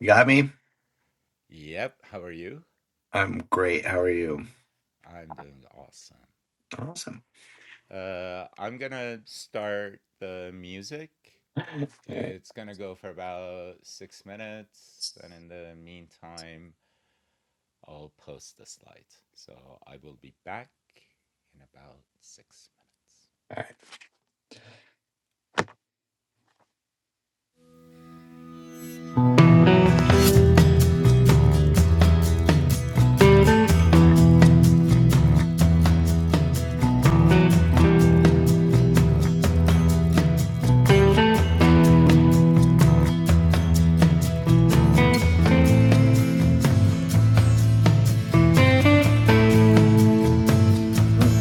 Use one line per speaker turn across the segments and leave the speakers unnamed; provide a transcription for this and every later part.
You got me? I'm great. How are you? Awesome. All right. All right. Mm.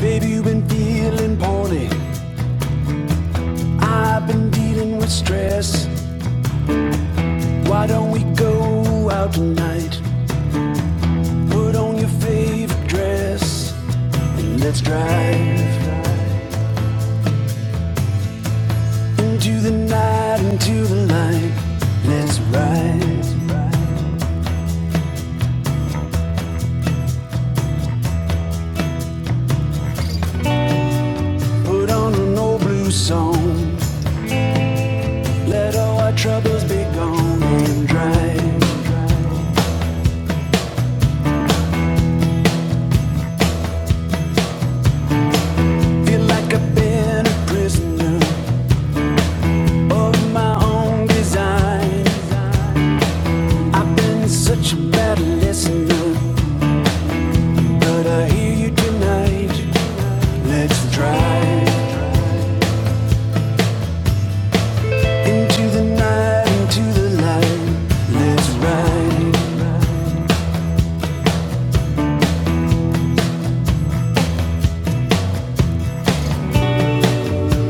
Baby, you've been feeling poorly. I've been dealing with stress. Why don't we go out tonight? Put on your favorite dress and let's drive into the night, into the light. Let's ride. Put on an old blue song. Let all our troubles be gone and drive. Feel like I've been a prisoner of my own design. I've been such a bad listener, but I hear you tonight. Let's drive into the night, into the light. Let's ride.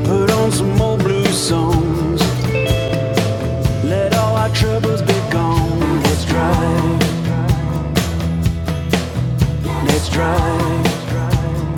Put on some old blue songs. Let all our troubles be gone. Let's drive. Let's drive.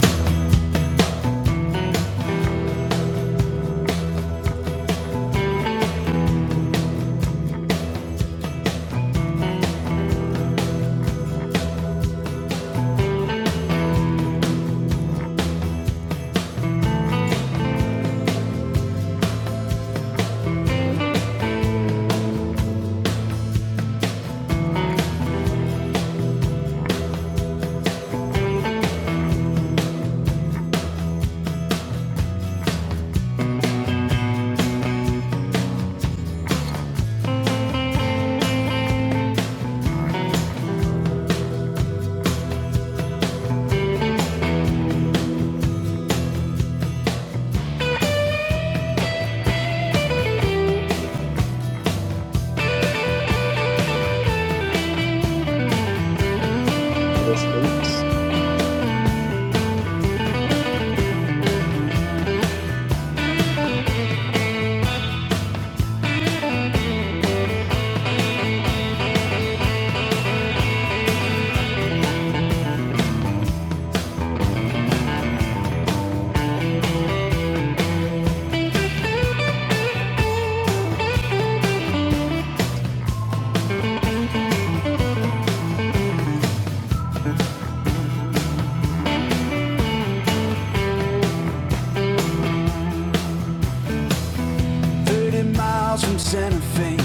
30 miles from Santa Fe,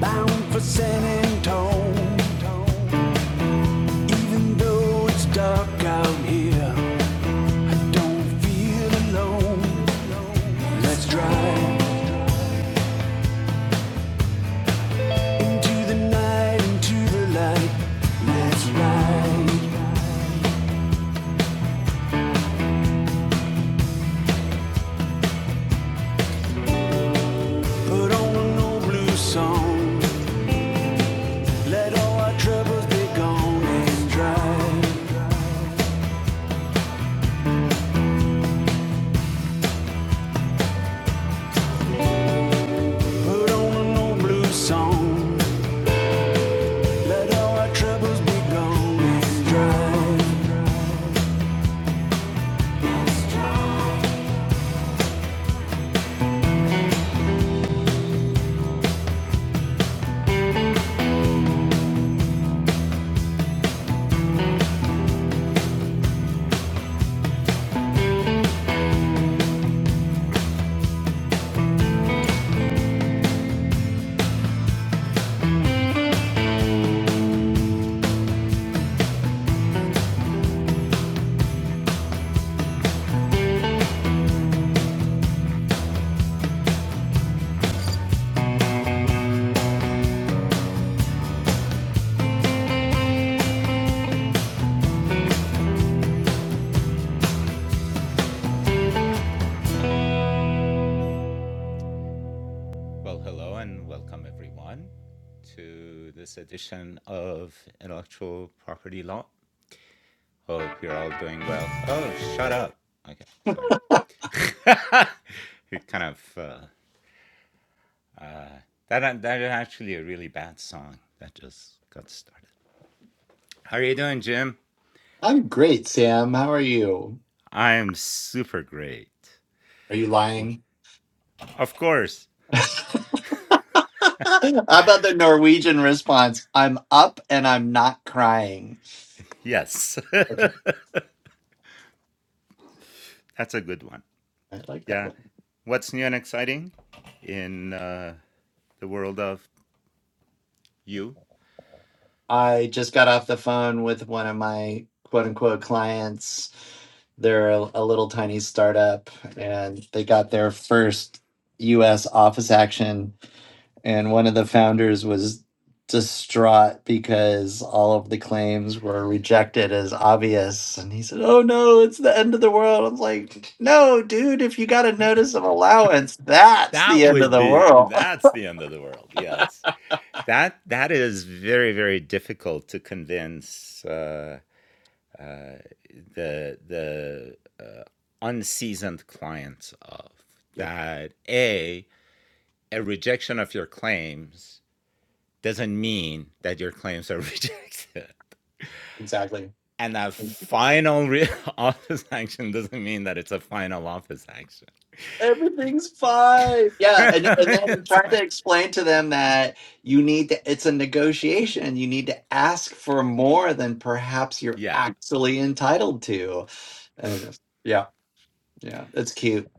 bound for San Antone. Even though it's dark out here, Don't feel alone. Let's drive into the night, into the light. Let's ride. Put on an old blue song. Let all our troubles be gone and drive. Put on an old blue song. Let all our troubles be gone and drive.
I'm great, Sam. How are you? Are you lying? How about the Norwegian response? I'm up and I'm not crying. Okay. I like that one. I just got off the phone with one of my quote unquote clients. They're a, a little tiny startup and they got their first US office action and one of the founders was distraught because all of the claims were rejected as obvious and he said oh no it's the end of the world i was like no dude if you got a notice of allowance that's the end of the world yep exactly everything's fine yeah and, and then trying to explain to them that you need to it's a negotiation you need to ask for more than perhaps you're actually entitled to and yeah Yeah, that's cute.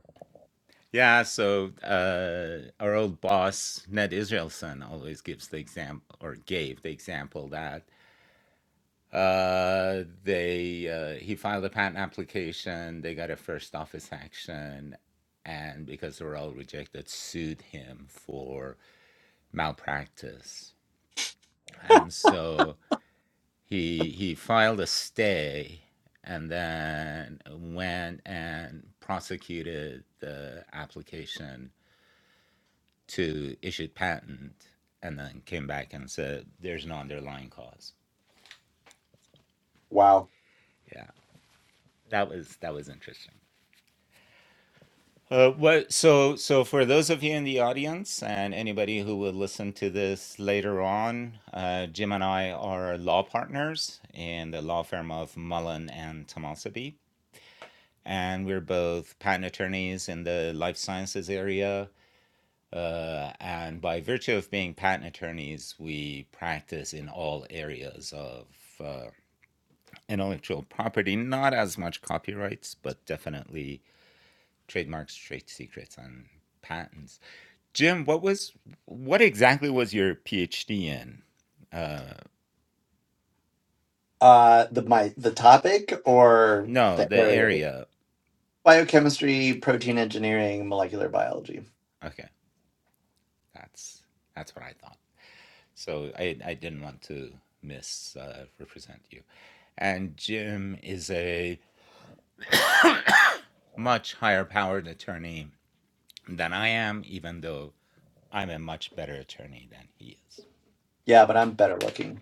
Wow. Uh, the my the topic or the area? Biochemistry, protein engineering, molecular biology. Yeah, but I'm better looking.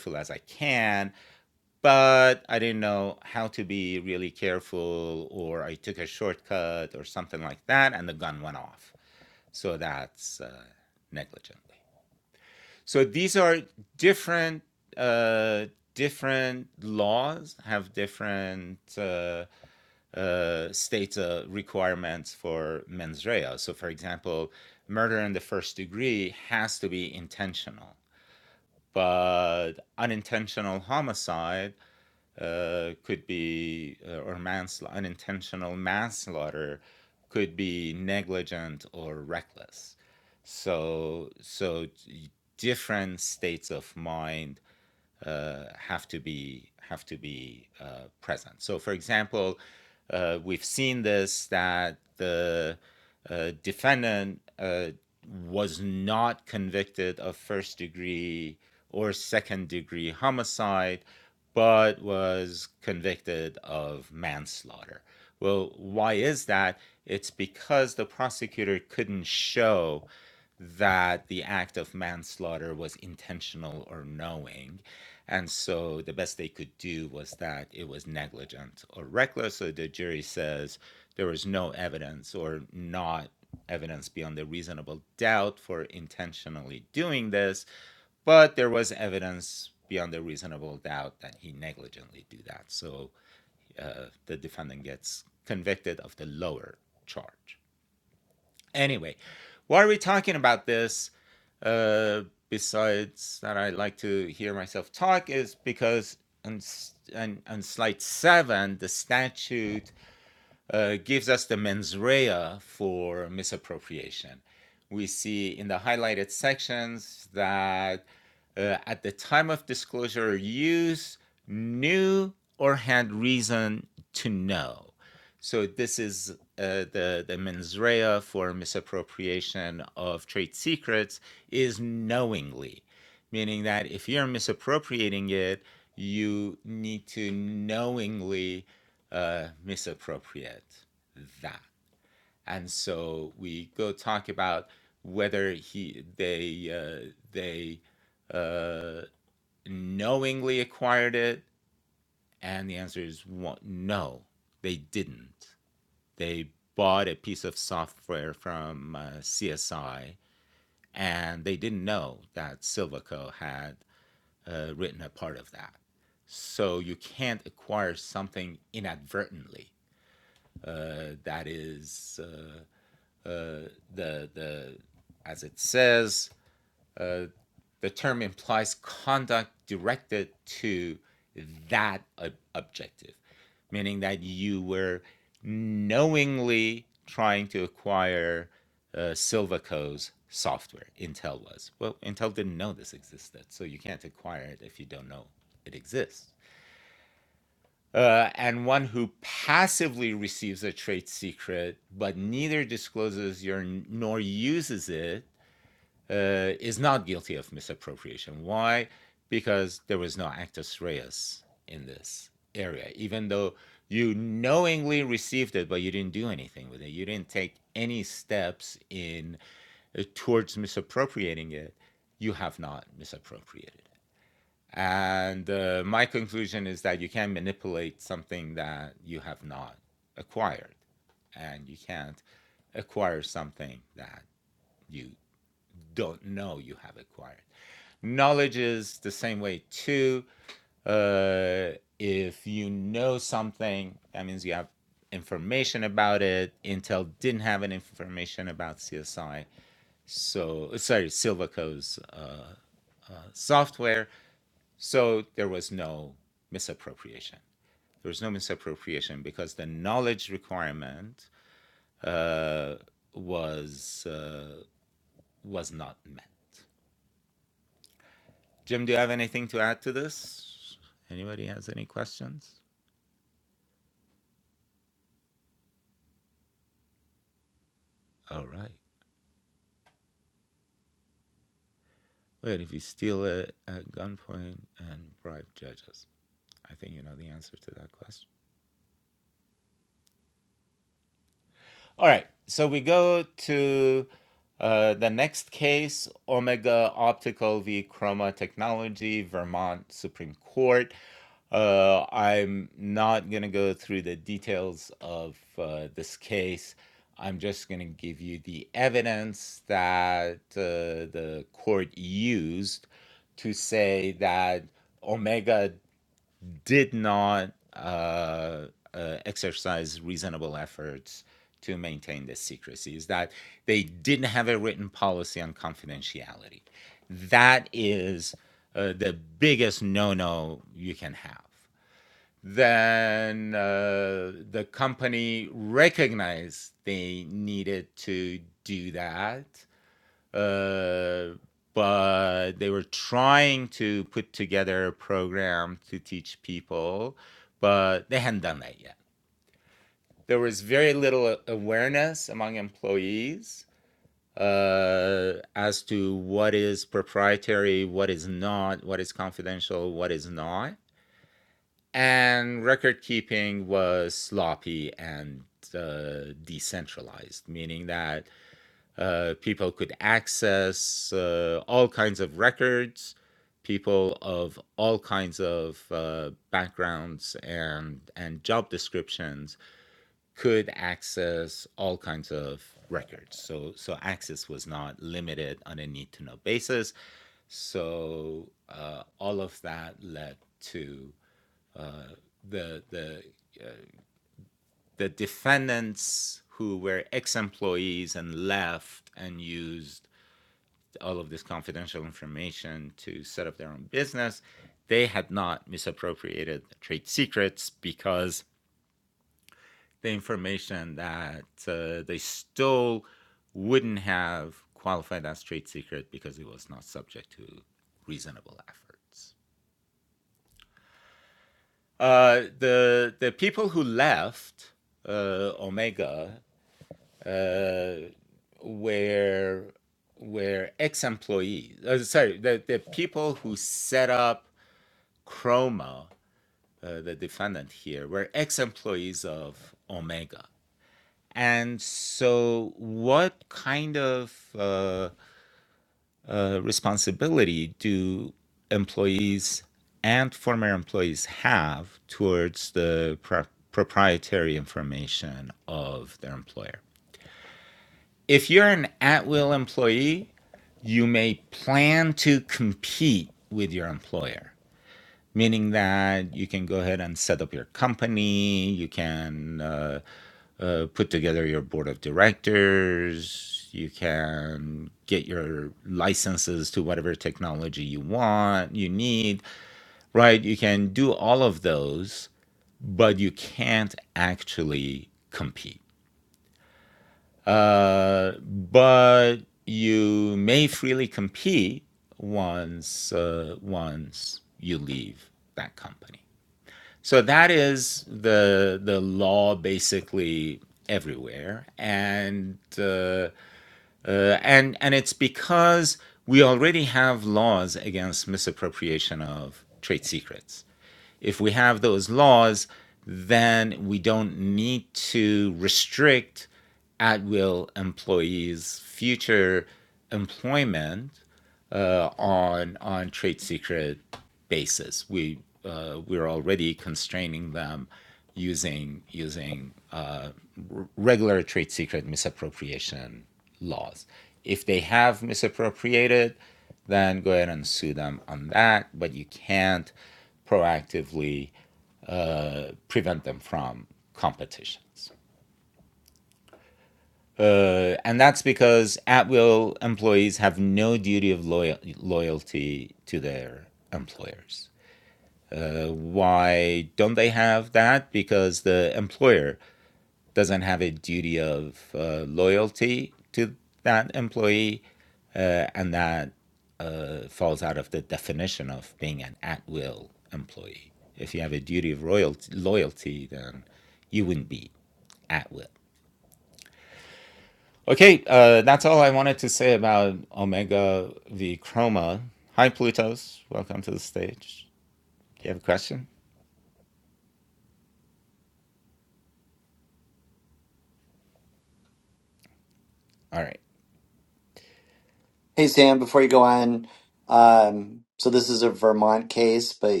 Hey Sam, before you go on, um, so this is a Vermont case, but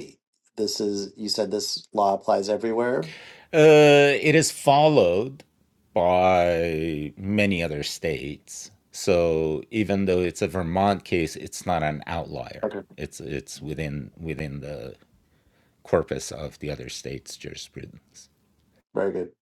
this is you said this law applies everywhere. Okay, very good.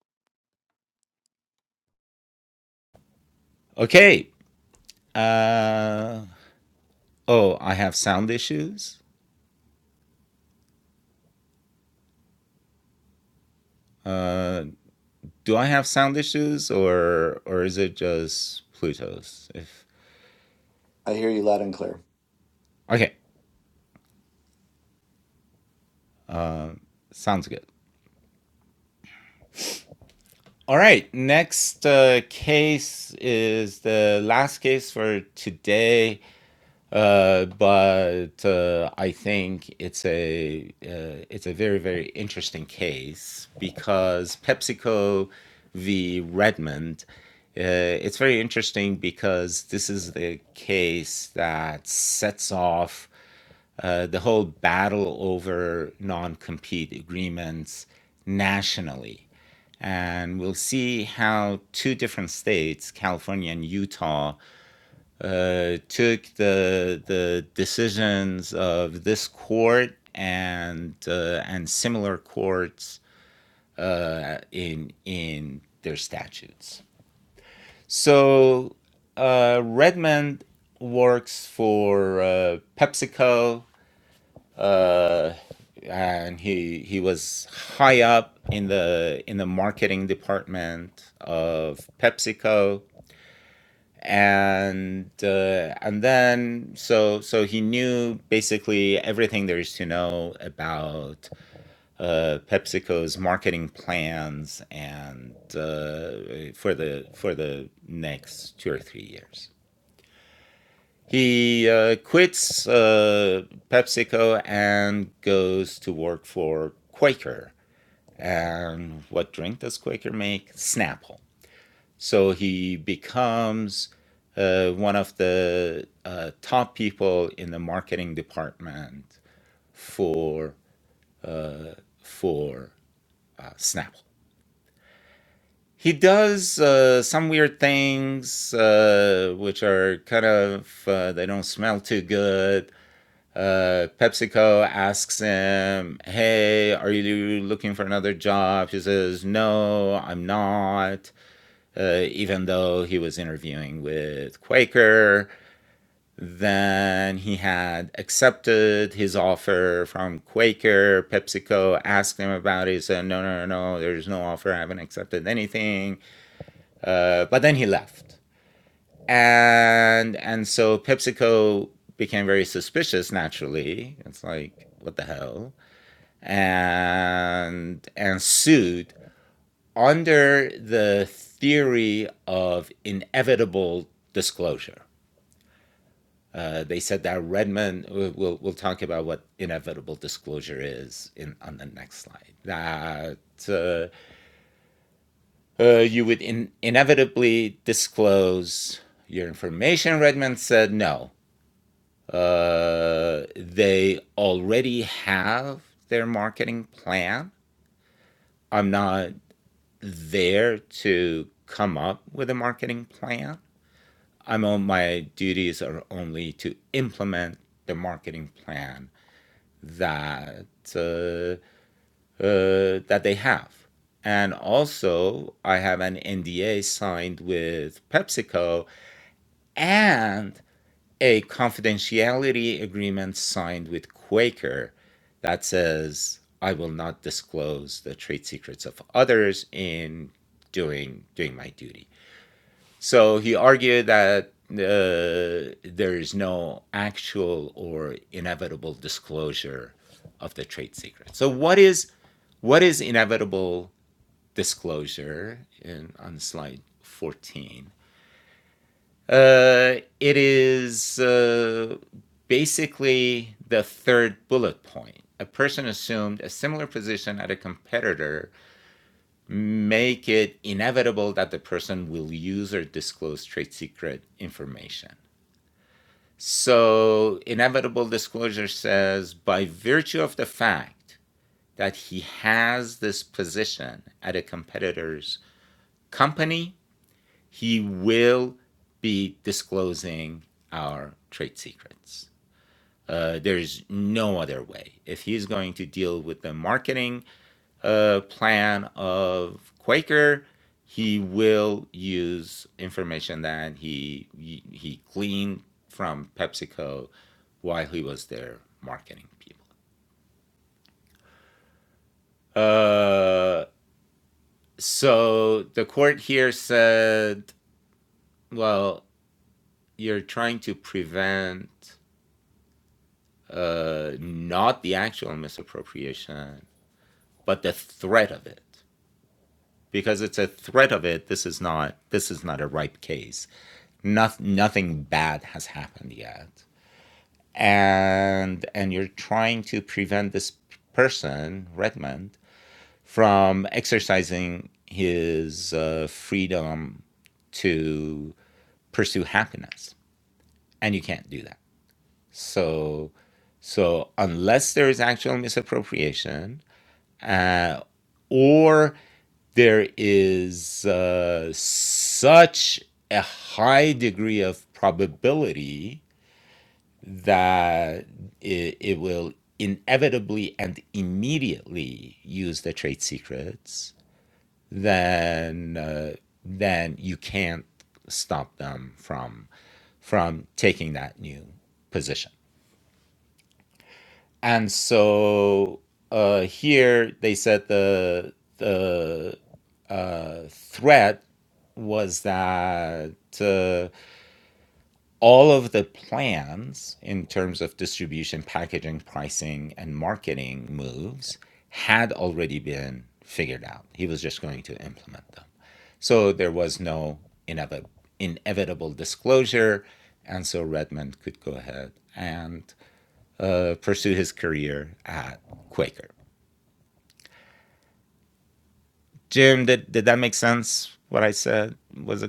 I hear you loud and clear.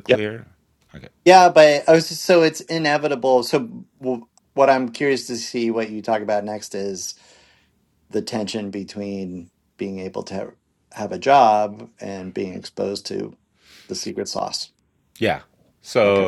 Yep. Yeah, but I was just, so it's inevitable. So w- what I'm curious to see what you talk about next is. the tension between being able to have, have a job and being exposed to the secret sauce. Okay.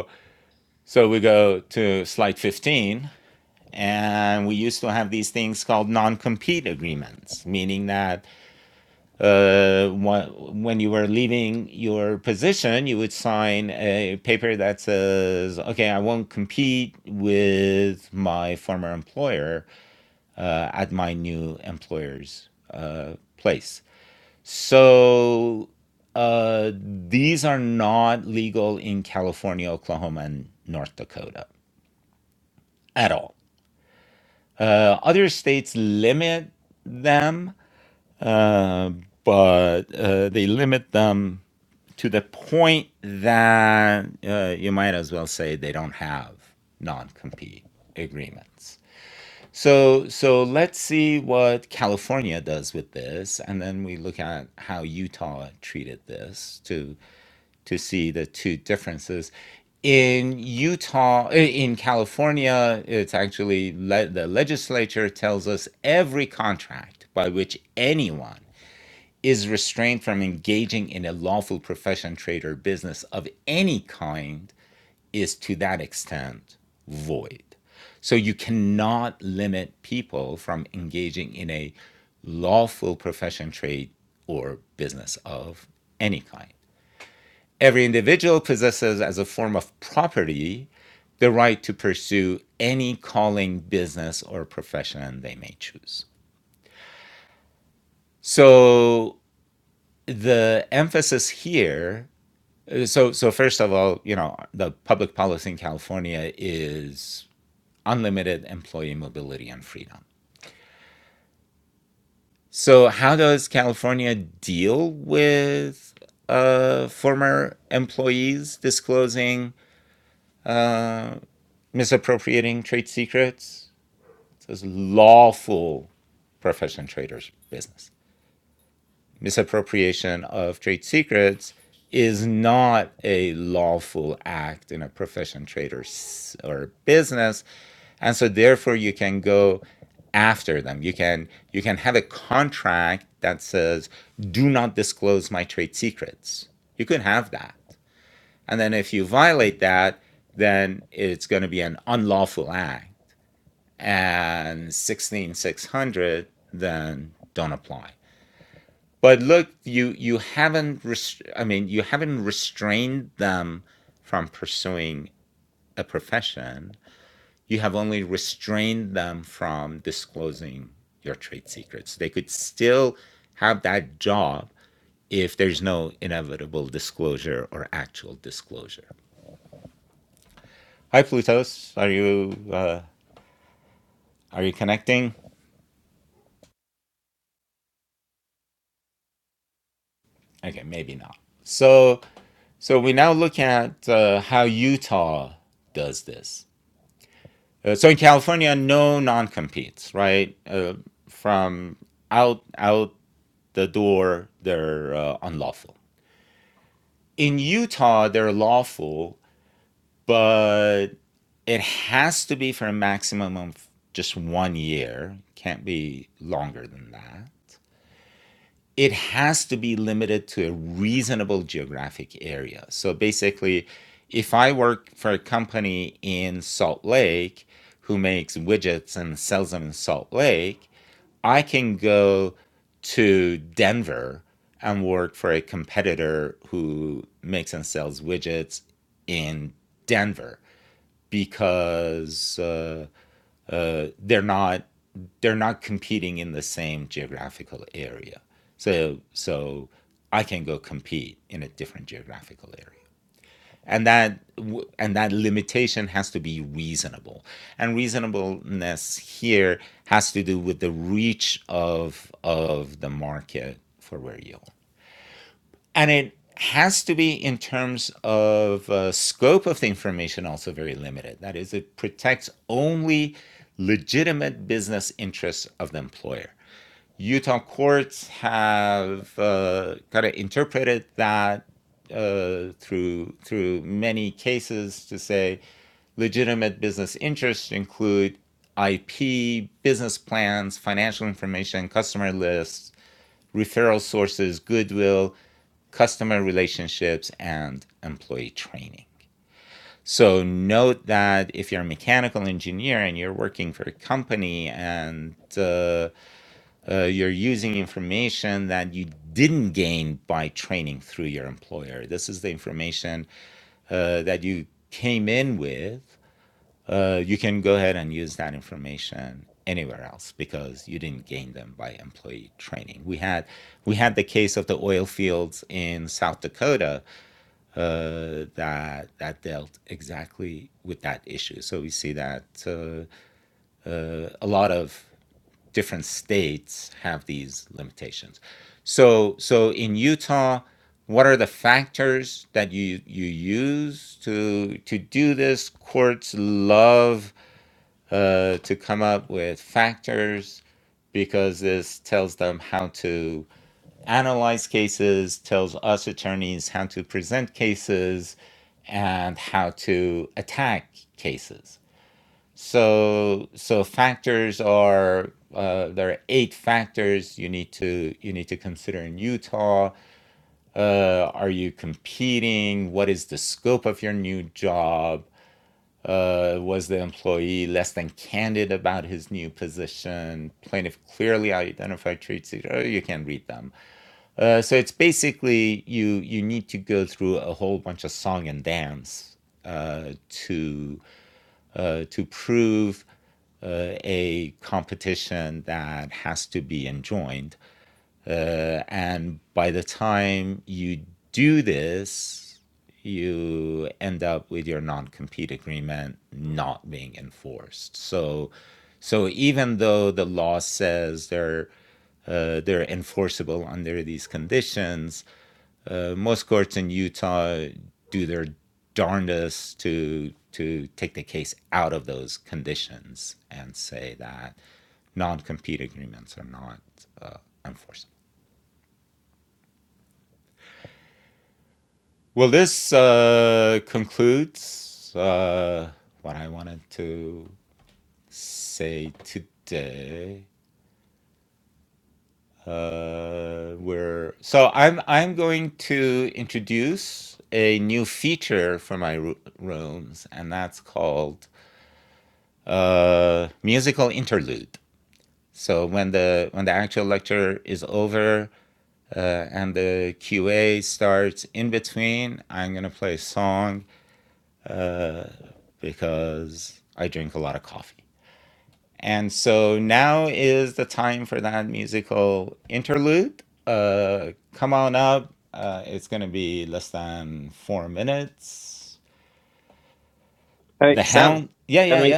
Hey Sam, can we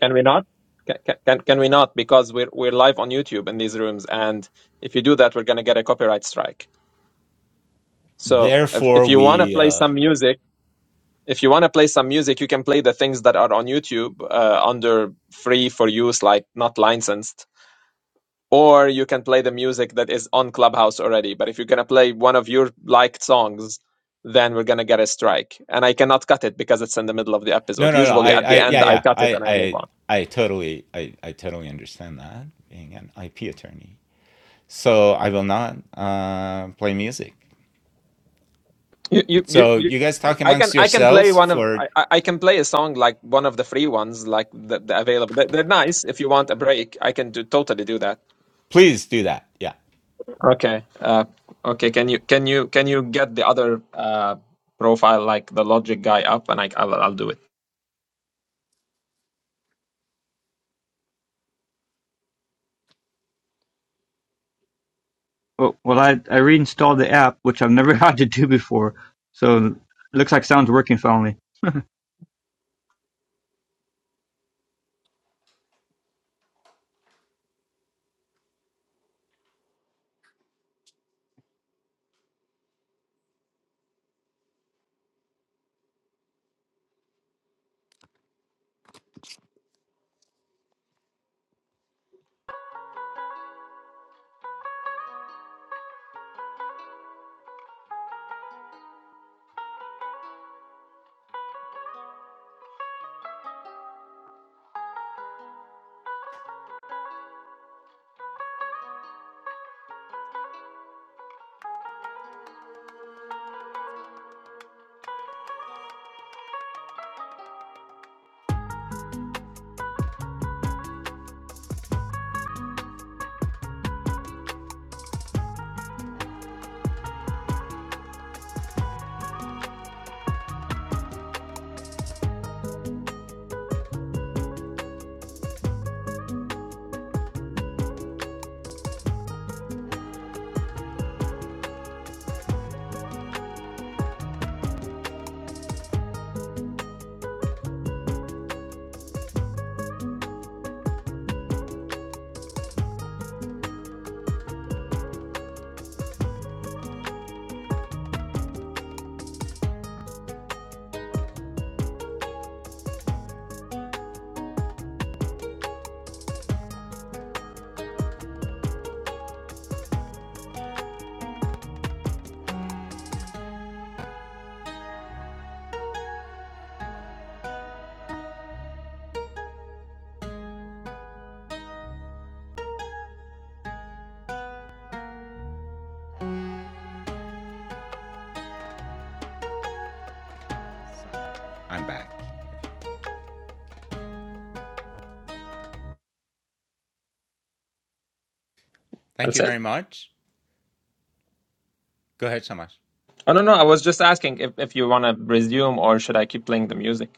can we not? Can, can can we not? Because we're we're live on YouTube in these rooms, and if you do that, we're gonna get a copyright strike. So if if you wanna play some music, if you wanna play some music, you can play the things that are on YouTube uh, under free for use, like not licensed, or you can play the music that is on Clubhouse already. But if you're gonna play one of your liked songs, then we're gonna get a strike, and I cannot cut it because it's in the middle of the episode. Usually at the end, I cut it and I move on. You, you, you, you, I can I can play one of I, I I can play a song like one of the free ones like the, the available they're, they're nice if you want a break I can do totally do that okay uh okay can you can you can you get the other uh profile like the logic guy up and I I'll, I'll do it
Well, well, I I reinstalled the app, which I've never had to do before. So it looks like sound's working finally.
that's it I don't know I was just asking if, if you want to resume or should I keep playing the music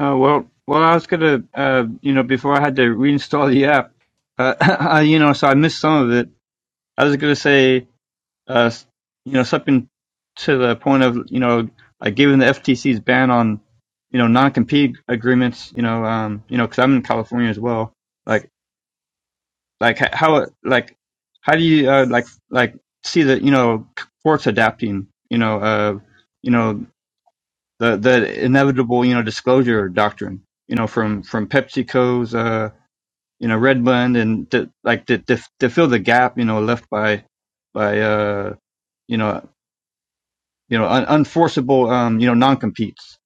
Uh, well, well, I was gonna, uh, you know, before I had to reinstall the app, uh, I, you know, so I missed some of it. I was gonna say, uh, s- you know, something to the point of, you know, like given the FTC's ban on, you know, non-compete agreements, you know, um, you know, because I'm in California as well. like. Like h- how like how do you uh, like like see that you know courts adapting you know uh you know the the inevitable you know disclosure doctrine you know from from PepsiCo's uh you know Red Bund and to, like to, to to fill the gap you know left by by uh you know you know un- unforceable um you know non competes.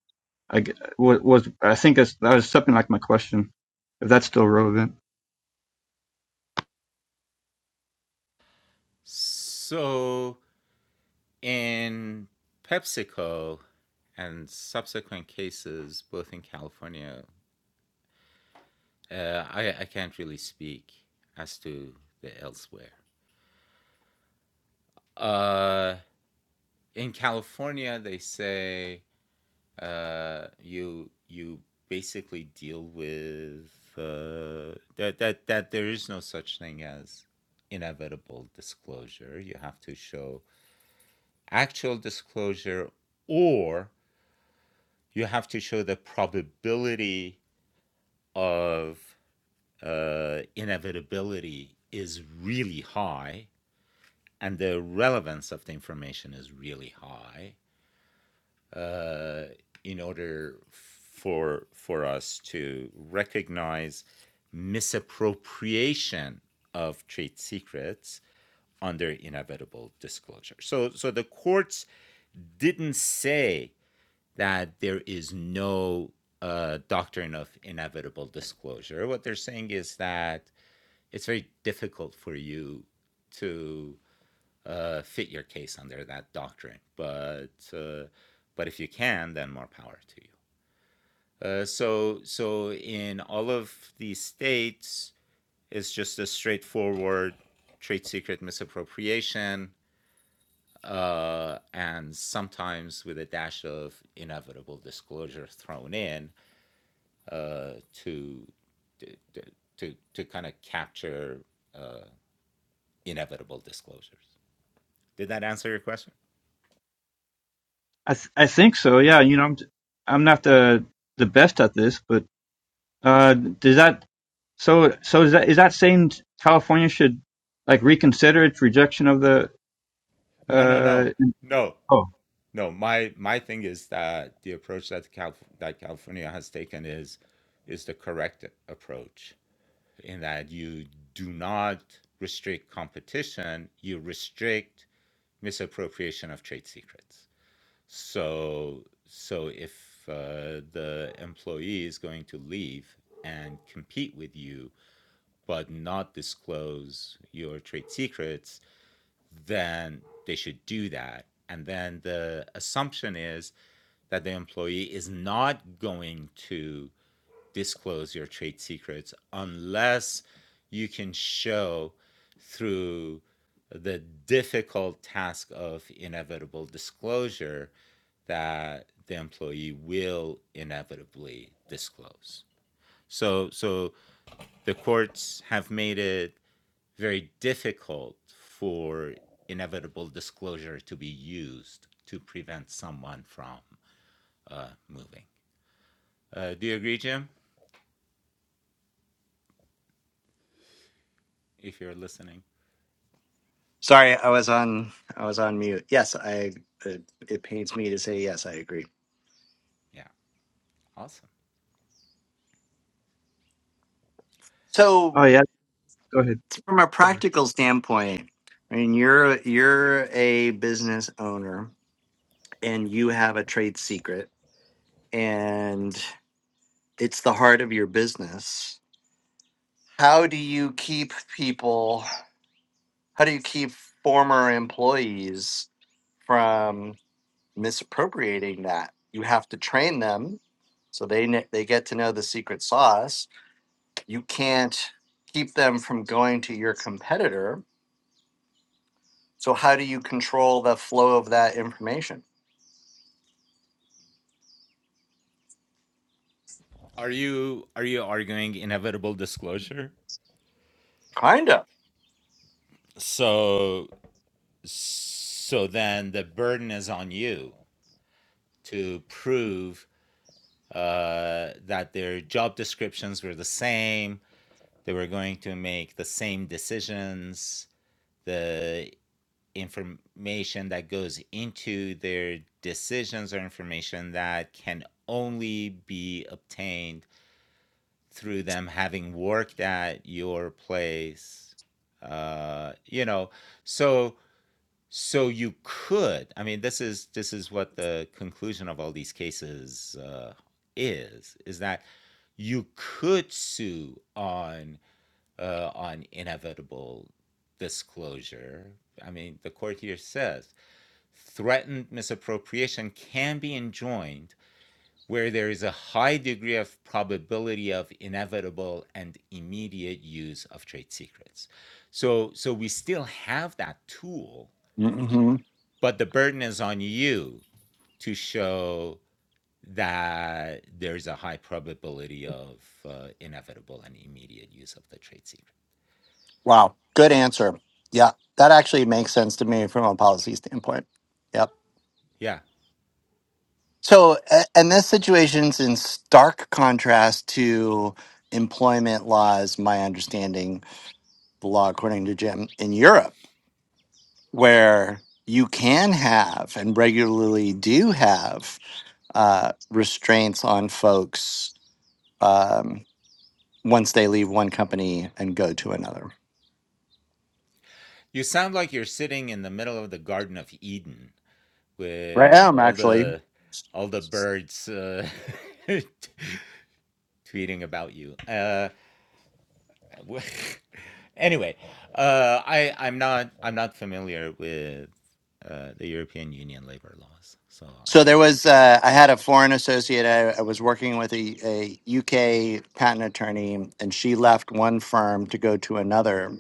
I g- wa- was I think that's, that was something like my question if that's still relevant. I th- I think so. Yeah, you know, I'm I'm not the the best at this, but uh, does that so so is that is that saying California should like reconsider its rejection of the uh oh
Sorry, I was on I was on mute. Yes, I it, it pains me to say yes, I agree. So,
oh yeah go ahead
from a
sorry
practical standpoint, I mean you're you're a business owner and you have a trade secret and it's the heart of your business. How do you keep people how do you keep former employees from misappropriating that? You have to train them so they kn- they get to know the secret sauce. You can't keep them from going to your competitor. So how do you control the flow of that information? Kind of. hmm Wow. Good answer. Yeah. That actually makes sense to me from a policy standpoint. Yep. So, a- and this situation's in stark contrast to employment laws, my understanding, the law, according to Jim, in Europe, where you can have and regularly do have uh, restraints on folks um, once they leave one company and go to another. Right. Um, actually. So there was, uh, I had a foreign associate. I, I was working with a, a UK patent attorney, and she left one firm to go to another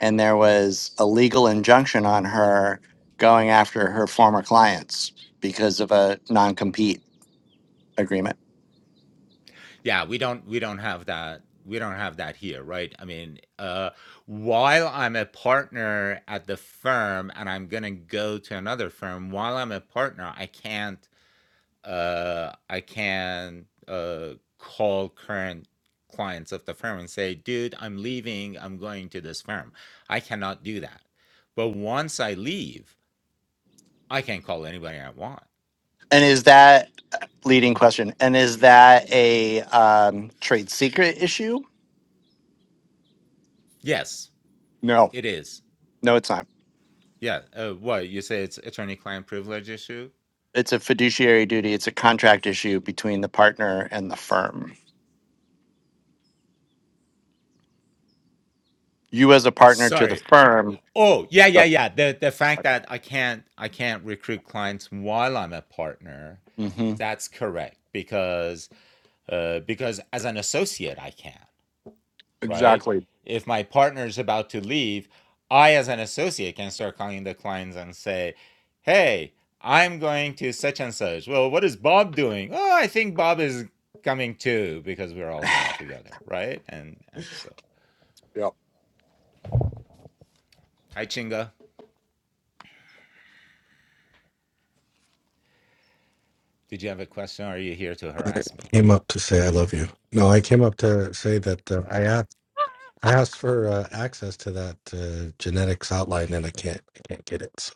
and there was a legal injunction on her going after her former clients because of a non-compete agreement. And is that leading question? And is that a um, trade secret issue? No, no, it's not. It's a fiduciary duty. It's a contract issue between the partner and the firm. you as a partner to the firm. Yeah. hmm Ex- Yeah.
came up to say I love you. No, I came up to say that uh, I asked I asked for uh, access to that uh, genetics outline, and I can't I can't get it. So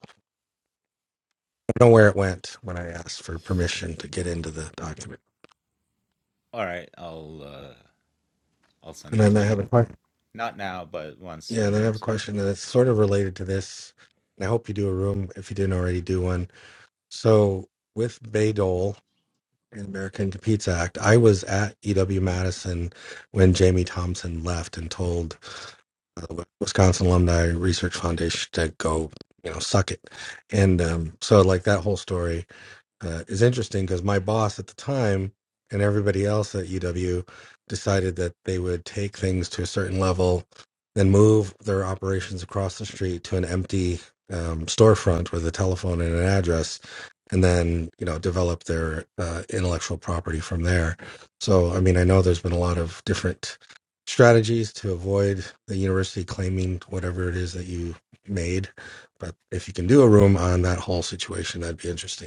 I don't know where it went when I asked for permission to get into the document. And then I have a question. Yeah, and I have a question that's sort of related to this. And I hope you do a room if you didn't already do one. So with Dole and American Competes Act, I was at EW Madison when Jamie Thompson left and told uh, Wisconsin Alumni Research Foundation to go, you know, suck it. And um, so, like that whole story, uh, is interesting because my boss at the time and everybody else at UW decided that they would take things to a certain level, then move their operations across the street to an empty um, storefront with a telephone and an address, and then you know develop their uh, intellectual property from there. So I mean, I know there's been a lot of different strategies to avoid the university claiming whatever it is that you made but if you can do a room on that whole situation that'd be interesting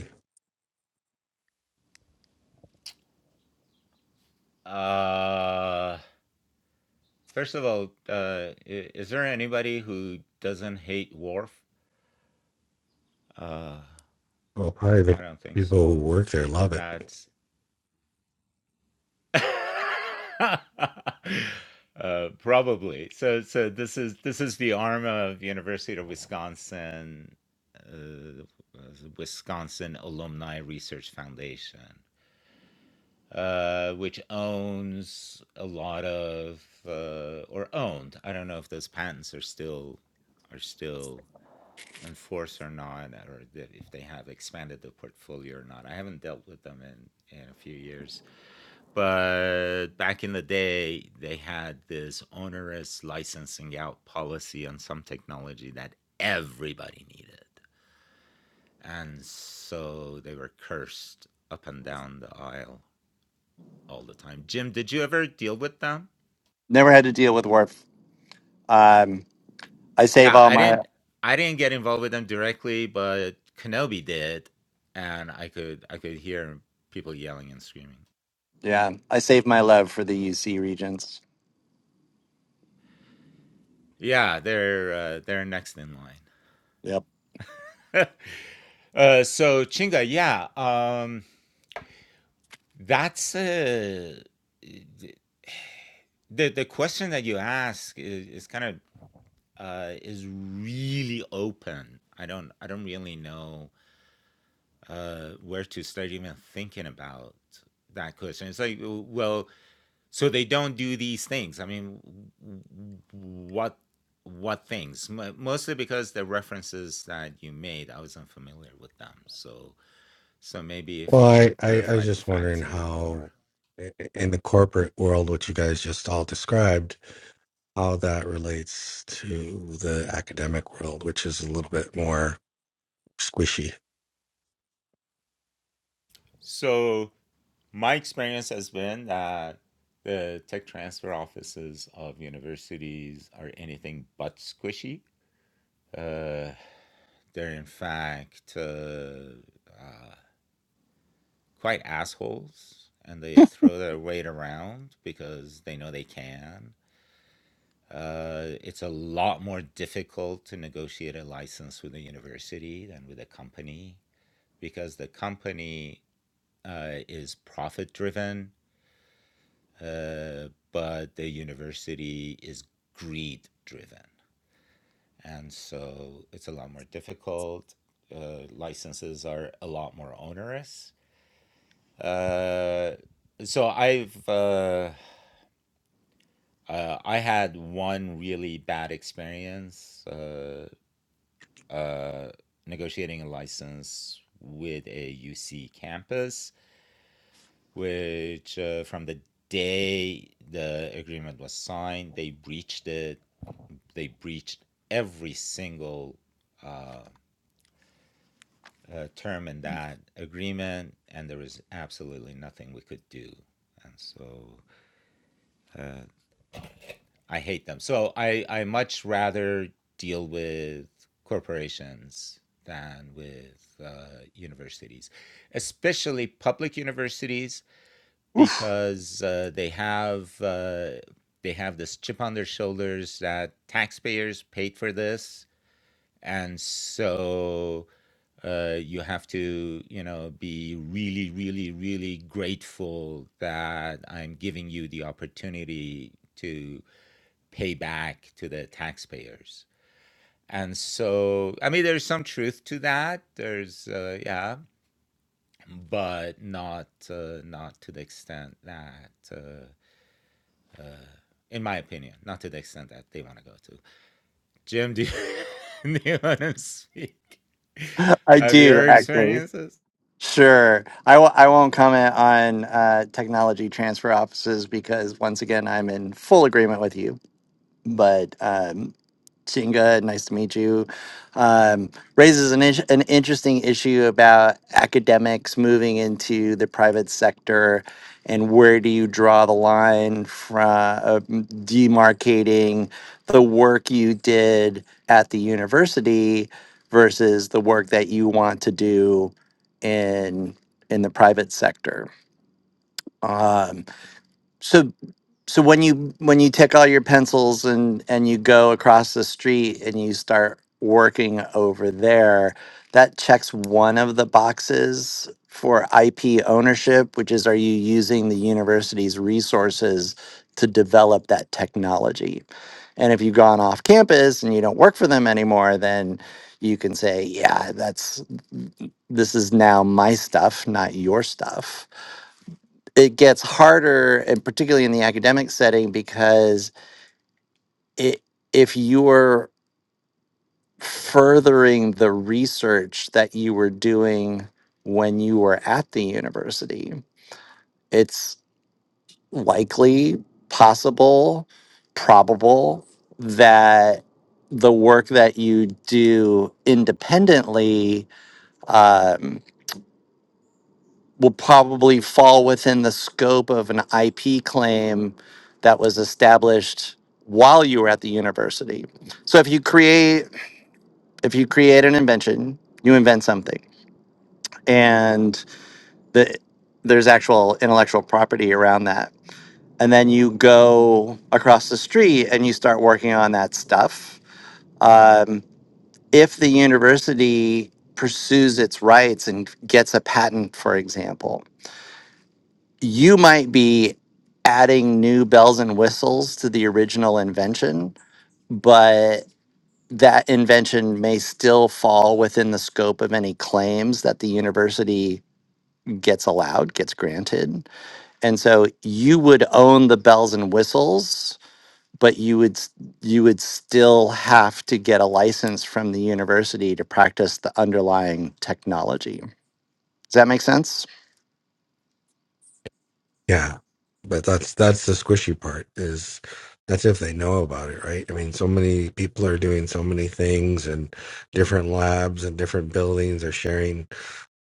Well, probably the people who work there love it.
Never had to deal with WARF. Um, I save all my yeah. I save my love for the UC regents. Yep.
Well, I, I, I was just wondering how, i- in the corporate world, which you guys just all described, how that relates to the academic world, which is a little bit more squishy.
Oof. I do actually. Sure. I w- I won't comment on uh, technology transfer offices because once again I'm in full agreement with you. But um, Chinga, nice to meet you. Um, raises an, is- an interesting issue about academics moving into the private sector and where do you draw the line from demarcating the work you did at the university versus the work that you want to do in in the private sector. Um, so so when you when you take all your pencils and and you go across the street and you start working over there that checks one of the boxes for IP ownership which is are you using the university's resources to develop that technology and if you've gone off campus and you don't work for them anymore then you can say yeah that's this is now my stuff not your stuff it gets harder and particularly in the academic setting because it, if you're furthering the research that you were doing when you were at the university it's likely possible probable that the work that you do independently um, will probably fall within the scope of an IP claim that was established while you were at the university. So if you create if you create an invention, you invent something and the there's actual intellectual property around that. And then you go across the street and you start working on that stuff. Um, if the university pursues its rights and gets a patent, for example, you might be adding new bells and whistles to the original invention, but that invention may still fall within the scope of any claims that the university gets allowed, gets granted. And so you would own the bells and whistles, but you would s- you would still have to get a license from the university to practice the underlying technology. Does that make sense?
Yeah, but that's that's the squishy part. Is that's if they know about it, right? I mean, so many people are doing so many things, and different labs and different buildings are sharing.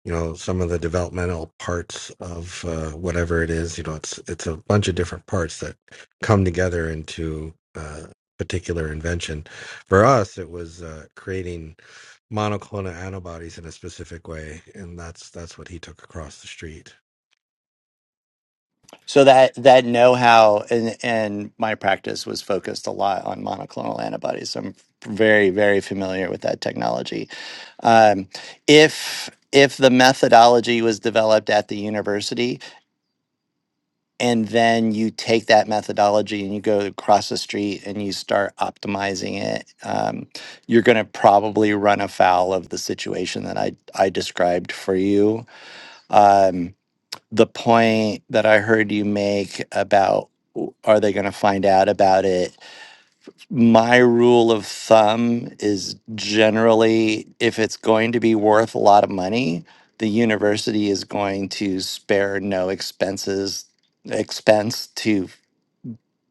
you know some of the developmental parts of uh, whatever it is you know it's it's a bunch of different parts that come together into a particular invention for us it was uh, creating monoclonal antibodies in a specific way and that's that's what he took across the street
So that that know-how and and my practice was focused a lot on monoclonal antibodies. So I'm very very familiar with that technology. Um, if if the methodology was developed at the university and then you take that methodology and you go across the street and you start optimizing it, um, you're going to probably run afoul of the situation that I I described for you. Um, the point that I heard you make about are they going to find out about it? My rule of thumb is generally if it's going to be worth a lot of money, the university is going to spare no expenses expense to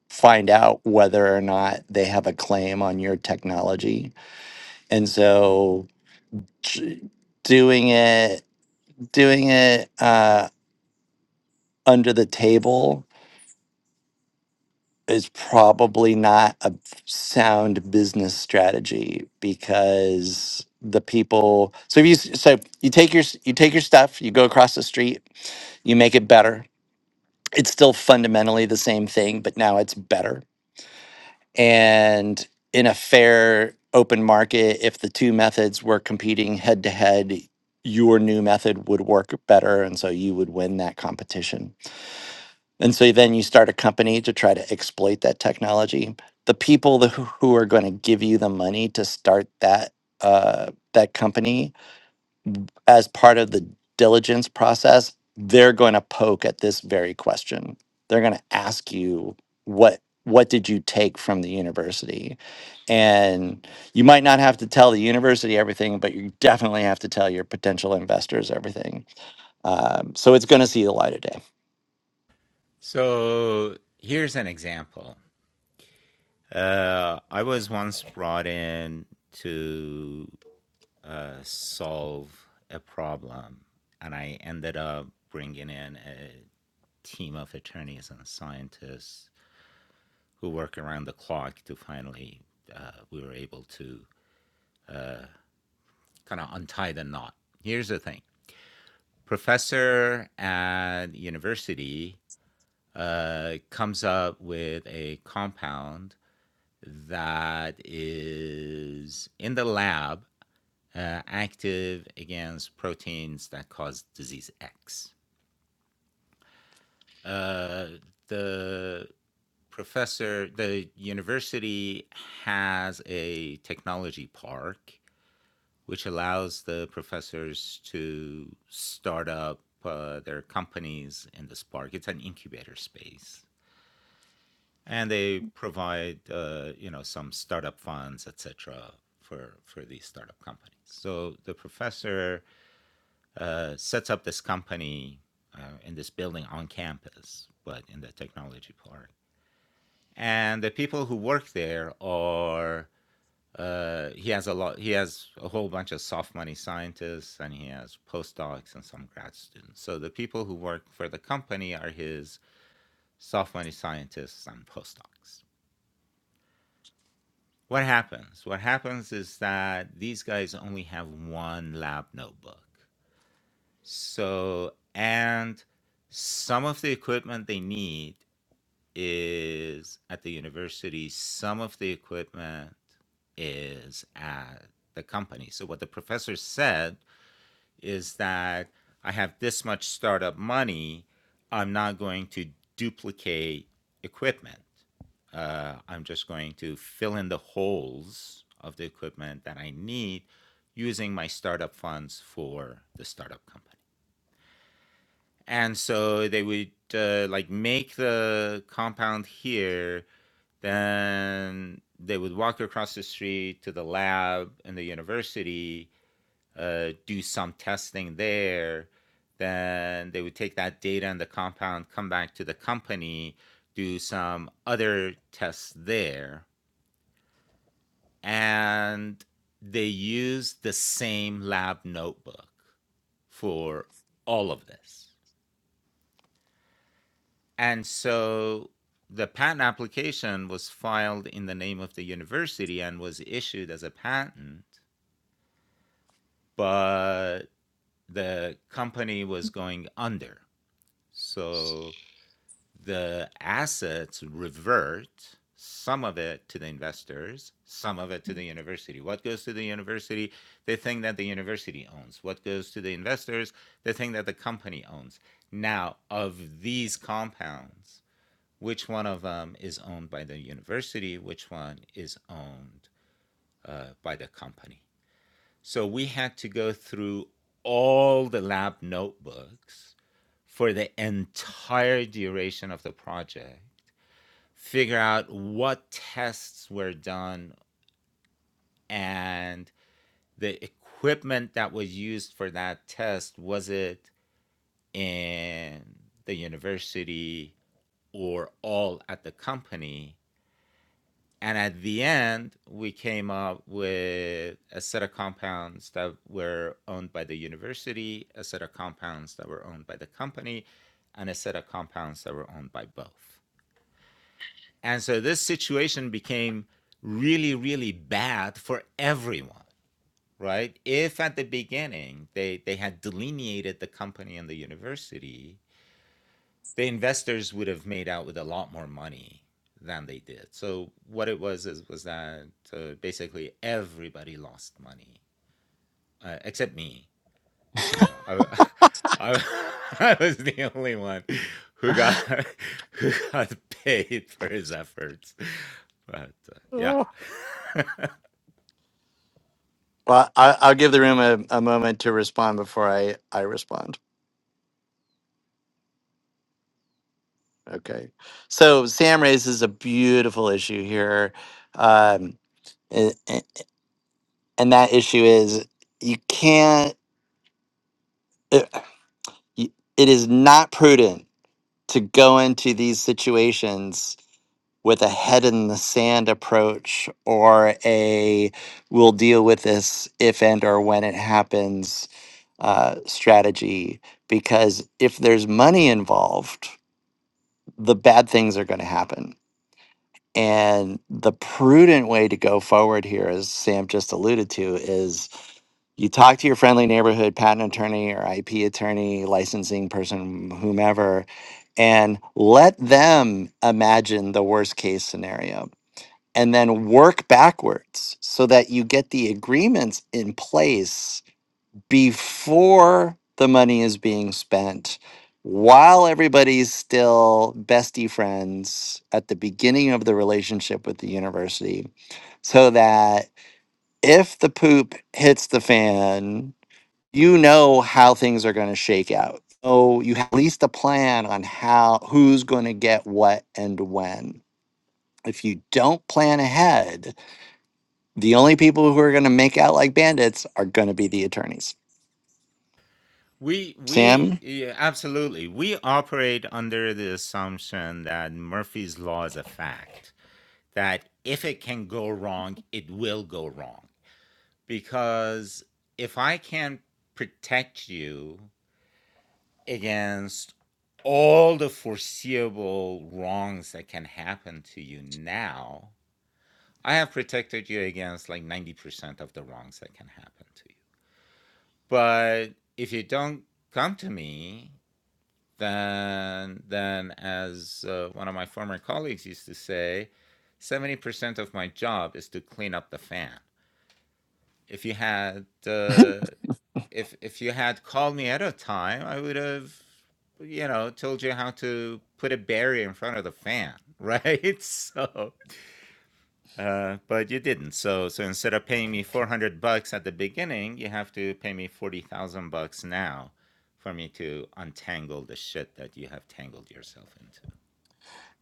find out whether or not they have a claim on your technology. And so ch- doing it doing it uh, under the table is probably not a sound business strategy because the people so if you s- so you take your s- you take your stuff you go across the street you make it better it's still fundamentally the same thing but now it's better and in a fair open market if the two methods were competing head to head your new method would work better and so you would win that competition and so then you start a company to try to exploit that technology. The people that, who who are going to give you the money to start that uh, that company as part of the diligence process, they're going to poke at this very question. They're going to ask you what what did you take from the university, and you might not have to tell the university everything, but you definitely have to tell your potential investors everything. Um, so it's going to see the light of day. Well, I, I'll give the room a, a moment to respond before I, I respond. Okay. So Sam raises a beautiful issue here. Um, and, and that issue is you can't, it, it is not prudent to go into these situations with a head in the sand approach or a we'll deal with this if and or when it happens uh, strategy. Because if there's money involved, the bad things are going to happen. And the prudent way to go forward here, as Sam just alluded to, is you talk to your friendly neighborhood patent attorney or IP attorney, licensing person, whomever, and let them imagine the worst case scenario and then work backwards so that you get the agreements in place before the money is being spent, while everybody's still bestie friends at the beginning of the relationship with the university, so that if the poop hits the fan, you know how things are going to shake out. Oh, you have at least a plan on how who's going to get what and when. If you don't plan ahead, the only people who are going to make out like bandits are going to be the attorneys. Sam?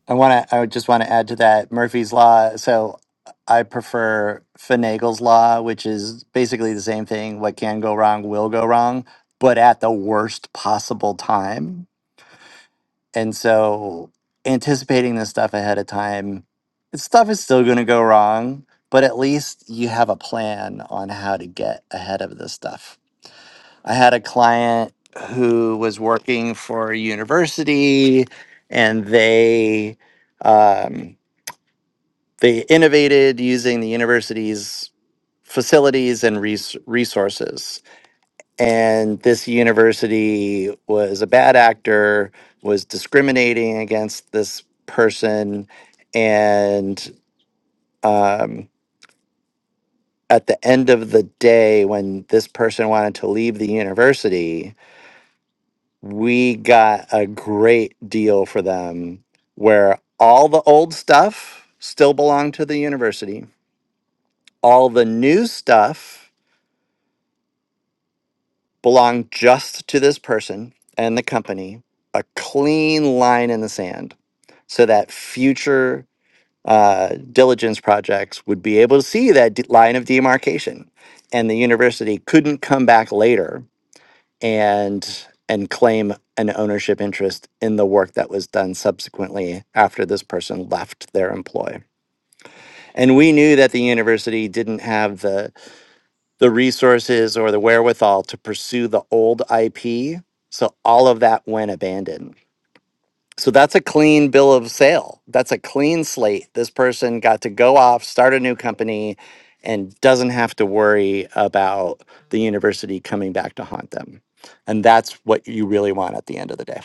I want to. I would just want to add to that Murphy's law. So I prefer Finagle's law, which is basically the same thing. What can go wrong will go wrong, but at the worst possible time. And so anticipating this stuff ahead of time, it's- stuff is still going to go wrong, but at least you have a plan on how to get ahead of this stuff. I had a client who was working for a university, and they. Um, they innovated using the university's facilities and res- resources. And this university was a bad actor, was discriminating against this person. And um, at the end of the day, when this person wanted to leave the university, we got a great deal for them where all the old stuff still belonged to the university all the new stuff belong just to this person and the company, a clean line in the sand so that future uh, diligence projects would be able to see that d- line of demarcation and the university couldn't come back later and and claim an ownership interest in the work that was done subsequently after this person left their employ. And we knew that the university didn't have the the resources or the wherewithal to pursue the old IP. So all of that went abandoned. So that's a clean bill of sale. That's a clean slate. This person got to go off, start a new company, and doesn't have to worry about the university coming back to haunt them. And that's what you really want at the end of the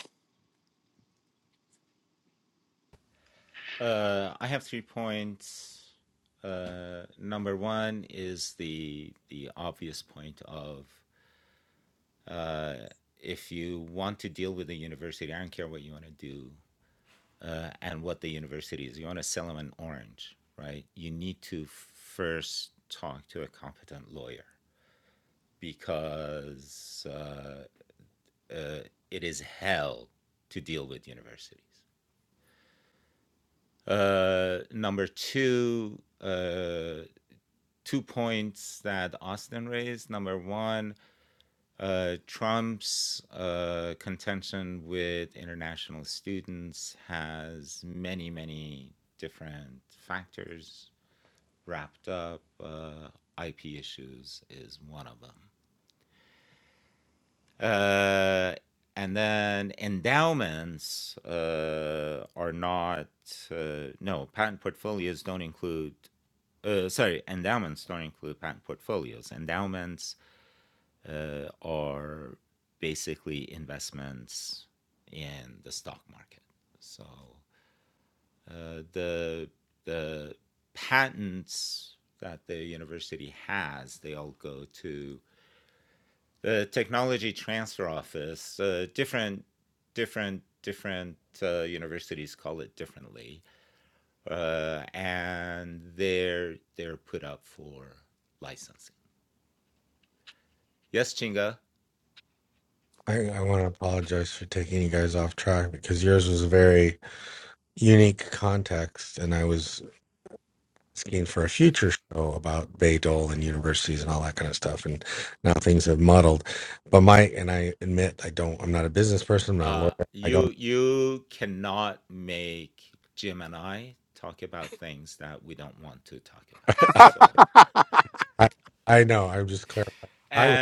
i, I want to apologize for taking you guys off track because yours was a very unique context and i was asking for a future show about Bay Dole and universities and all that kind of stuff. And now things have muddled. But my and I admit I don't. I'm not a business person. I'm not a lawyer. I don't. I I know. I'm just clarifying. I would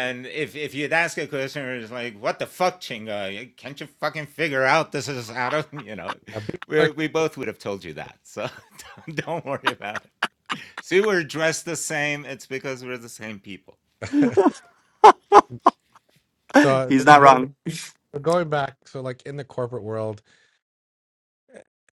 I'd be
day.
so,
He's not
so
wrong.
going back. So like in the corporate world.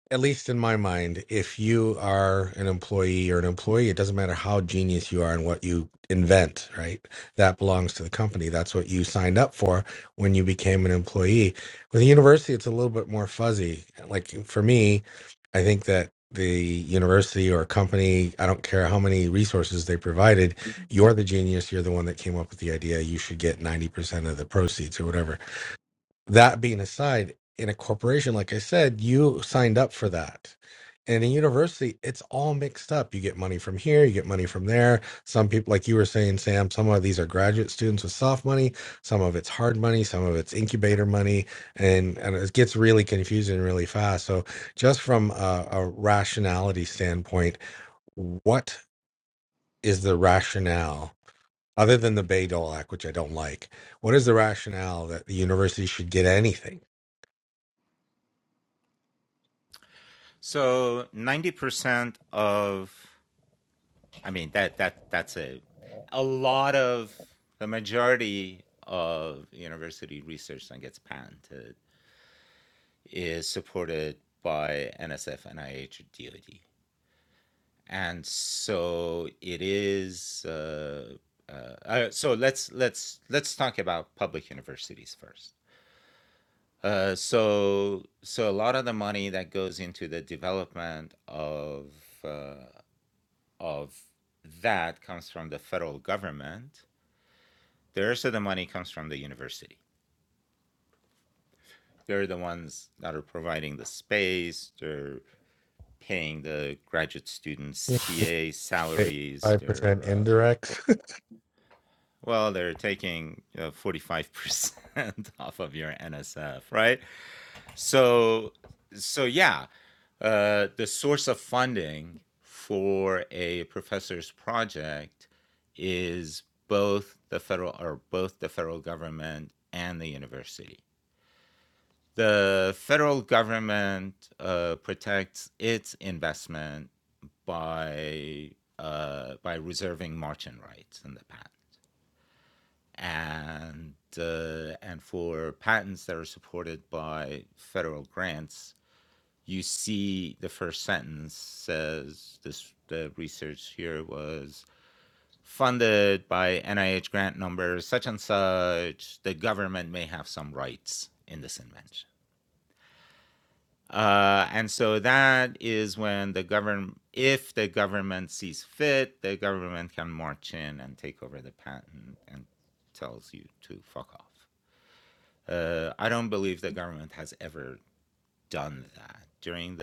at least in my mind, if you are an employee or an employee, it doesn't matter how genius you are and what you invent, right? That belongs to the company. That's what you signed up for when you became an employee. With a university, it's a little bit more fuzzy. Like for me, I think that the university or company, I don't care how many resources they provided, you're the genius. You're the one that came up with the idea. You should get 90% of the proceeds or whatever that being aside, in a corporation, like I said, you signed up for that. And in university, it's all mixed up. You get money from here, you get money from there. Some people, like you were saying, Sam, some of these are graduate students with soft money, some of it's hard money, some of it's incubator money, and, and it gets really confusing really fast. So, just from a, a rationality standpoint, what is the rationale other than the Bayh-Dole Act, which I don't like? What is the rationale that the university should get anything? Hey, Five percent indirect.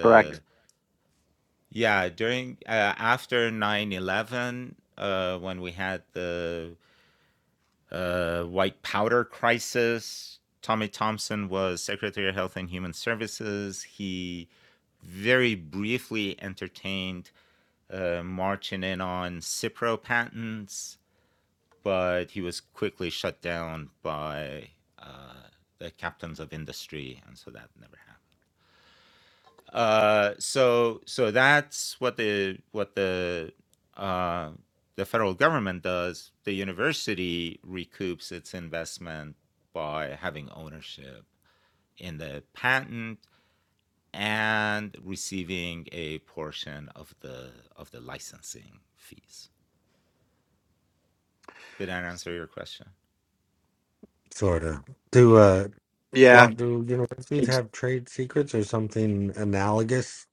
Correct.
Sort of. Do uh,
Yeah.
what do universities
It's,
have trade secrets or something analogous?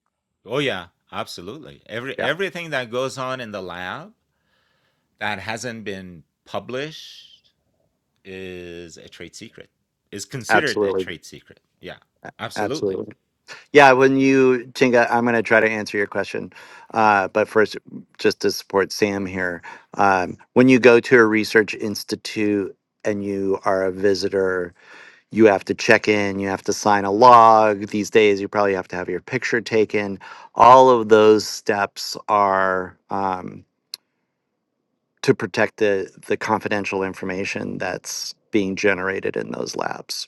yeah. Absolutely. A- Absolutely. Yeah. When you, Chinga, I'm going to try to answer your question. Uh, but first, just to support Sam here, um, when you go to a research institute and you are a visitor, you have to check in, you have to sign a log. These days, you probably have to have your picture taken. All of those steps are um, to protect the, the confidential information that's being generated in those labs.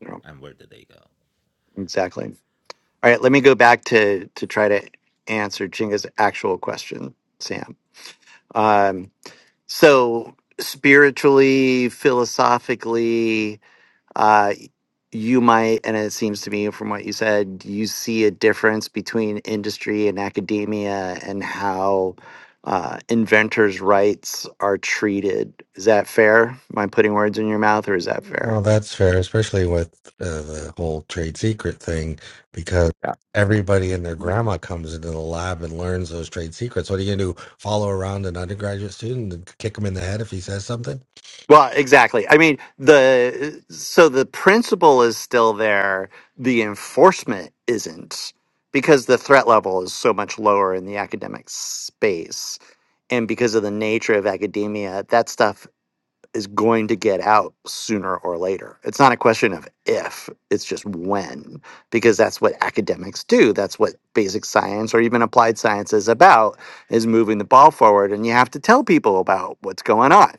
You know, exactly. All right, let me go back to, to try to answer Chinga's actual question, Sam. Um, so, spiritually, philosophically, uh, you might, and it seems to me from what you said, you see a difference between industry and academia and how uh, inventors' rights are treated. Is that fair? Am I putting words in your mouth or is that fair?
oh, that's fair, especially with uh, the whole trade secret thing, because
Yeah.
everybody and their grandma comes into the lab and learns those trade secrets. What are you gonna do? Follow around an undergraduate student and kick him in the head if he says something?
Well, exactly. I mean, the so the principle is still there, the enforcement isn't because the threat level is so much lower in the academic space and because of the nature of academia, that stuff is going to get out sooner or later. It's not a question of if, it's just when, because that's what academics do. That's what basic science or even applied science is about, is moving the ball forward. And you have to tell people about what's going on.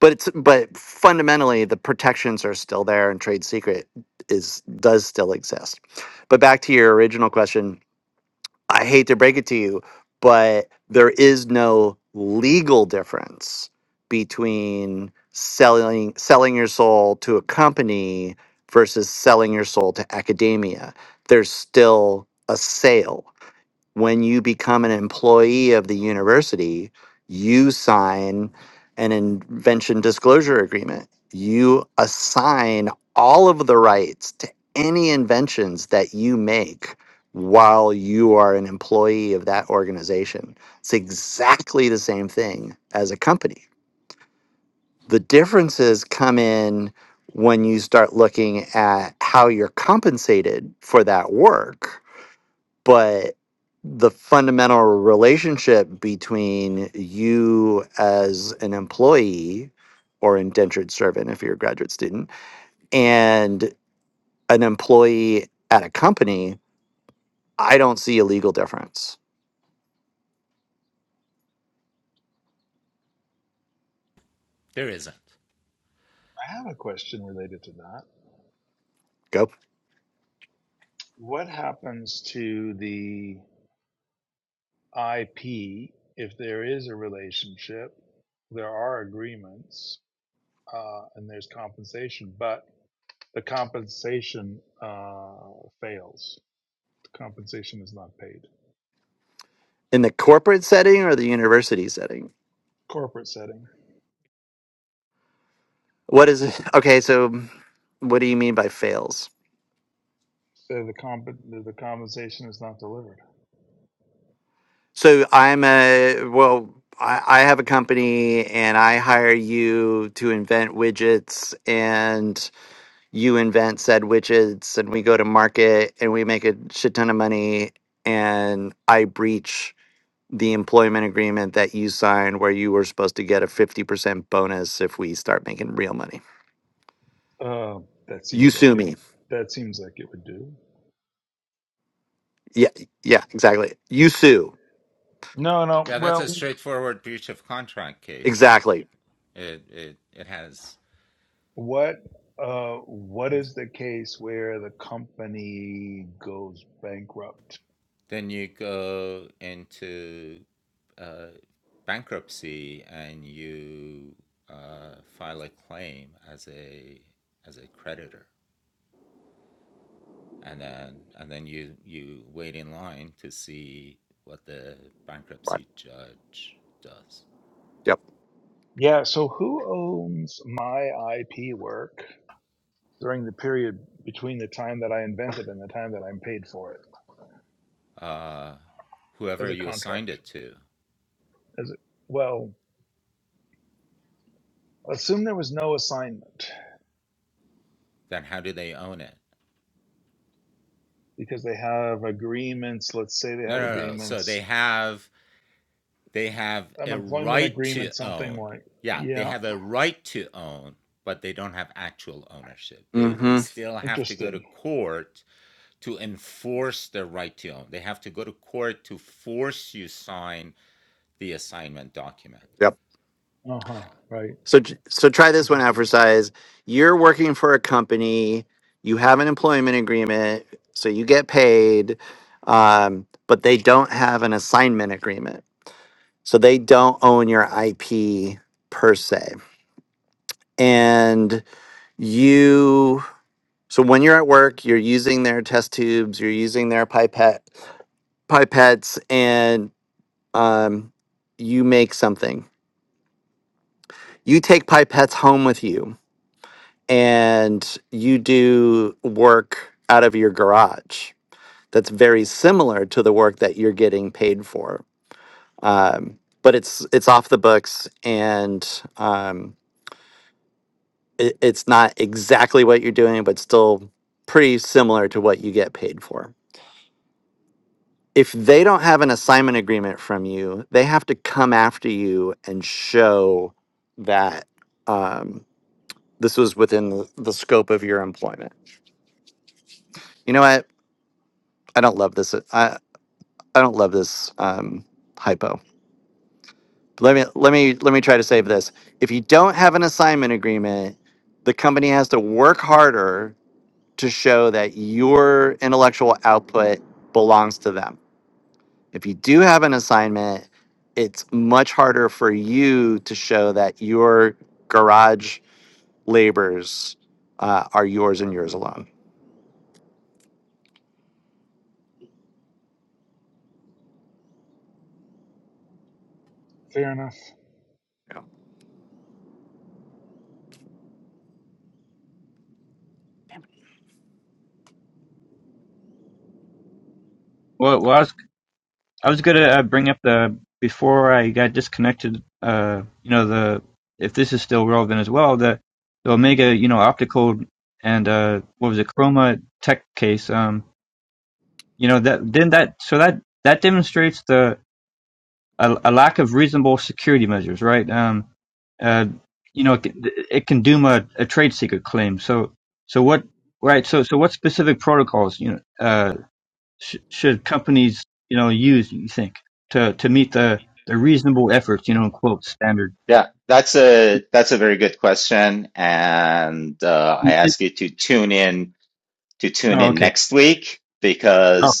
But it's but fundamentally the protections are still there and trade secret is does still exist. But back to your original question, I hate to break it to you, but there is no legal difference between selling selling your soul to a company versus selling your soul to academia. There's still a sale when you become an employee of the university, you sign an invention disclosure agreement. You assign all of the rights to any inventions that you make while you are an employee of that organization. It's exactly the same thing as a company. The differences come in when you start looking at how you're compensated for that work but the fundamental relationship between you as an employee or indentured servant if you're a graduate student and an employee at a company i don't see a legal difference
I have a question related to that.
go
What happens to the IP if there is a relationship? There are agreements uh, and there's compensation, but the compensation uh, fails. The compensation is not paid.
in the corporate setting or the university setting
Corporate setting.
what is it okay so what do you mean by fails
So the comp- the compensation is not delivered.
so i'm a well I I have a company and I hire you to invent widgets and. you invent said widgets and we go to market and we make a shit ton of money and I breach the employment agreement that you signed where you were supposed to get a 50% bonus if we start making real money.
Uh, that
You
seems like
sue
it.
me.
That seems like it would do.
Yeah, yeah, exactly. You sue.
No, no. Well,
Exactly.
What uh what is the case where the company goes bankrupt?
Right. Yep.
Yeah, so who owns my IP work during the period between the time that I invented and the time that I'm paid for it as a contract? As it, well, assume there was no assignment because they have agreements, let's say they have agreements, an employment agreement something like, yeah,
Mhm.
interesting.
Yep.
Uh-huh, right.
So j- so try this one out
Interesting.
for size. You're working for a company. You have an employment agreement, so you get paid, um, but they don't have an assignment agreement, so they don't own your IP per se. And you, so when you're at work, you're using their test tubes, you're using their pipette pipettes, and um, you make something. You take pipettes home with you and you do work out of your garage that's very similar to the work that you're getting paid for um, but it's it's off the books and um, it, it's not exactly what you're doing but still pretty similar to what you get paid for if they don't have an assignment agreement from you they have to come after you and show that um, this was within the the scope of your employment you know what I don't love this. I, I don't love this um, hypo. Let me let me let me try to save this. If you don't have an assignment agreement, the company has to work harder to show that your intellectual output belongs to them. If you do have an assignment, it's much harder for you to show that your garage labors uh, are yours and yours alone.
Fair enough.
Yeah.
well, well I was I was gonna uh, bring up the before I got disconnected uh you know the if this is still relevant as well the the Omega you know optical and uh what was it Chroma Tech case um you know that didn't that so that that demonstrates the a, a lack of reasonable security measures, right? Um, uh, you know, it, can- it can doom a, a trade secret claim. So, so what, right? So, so what specific protocols, you know, uh, sh- should companies, you know, use? You think to to meet the the reasonable efforts, you know, in quote standard. Oh, okay. Oh,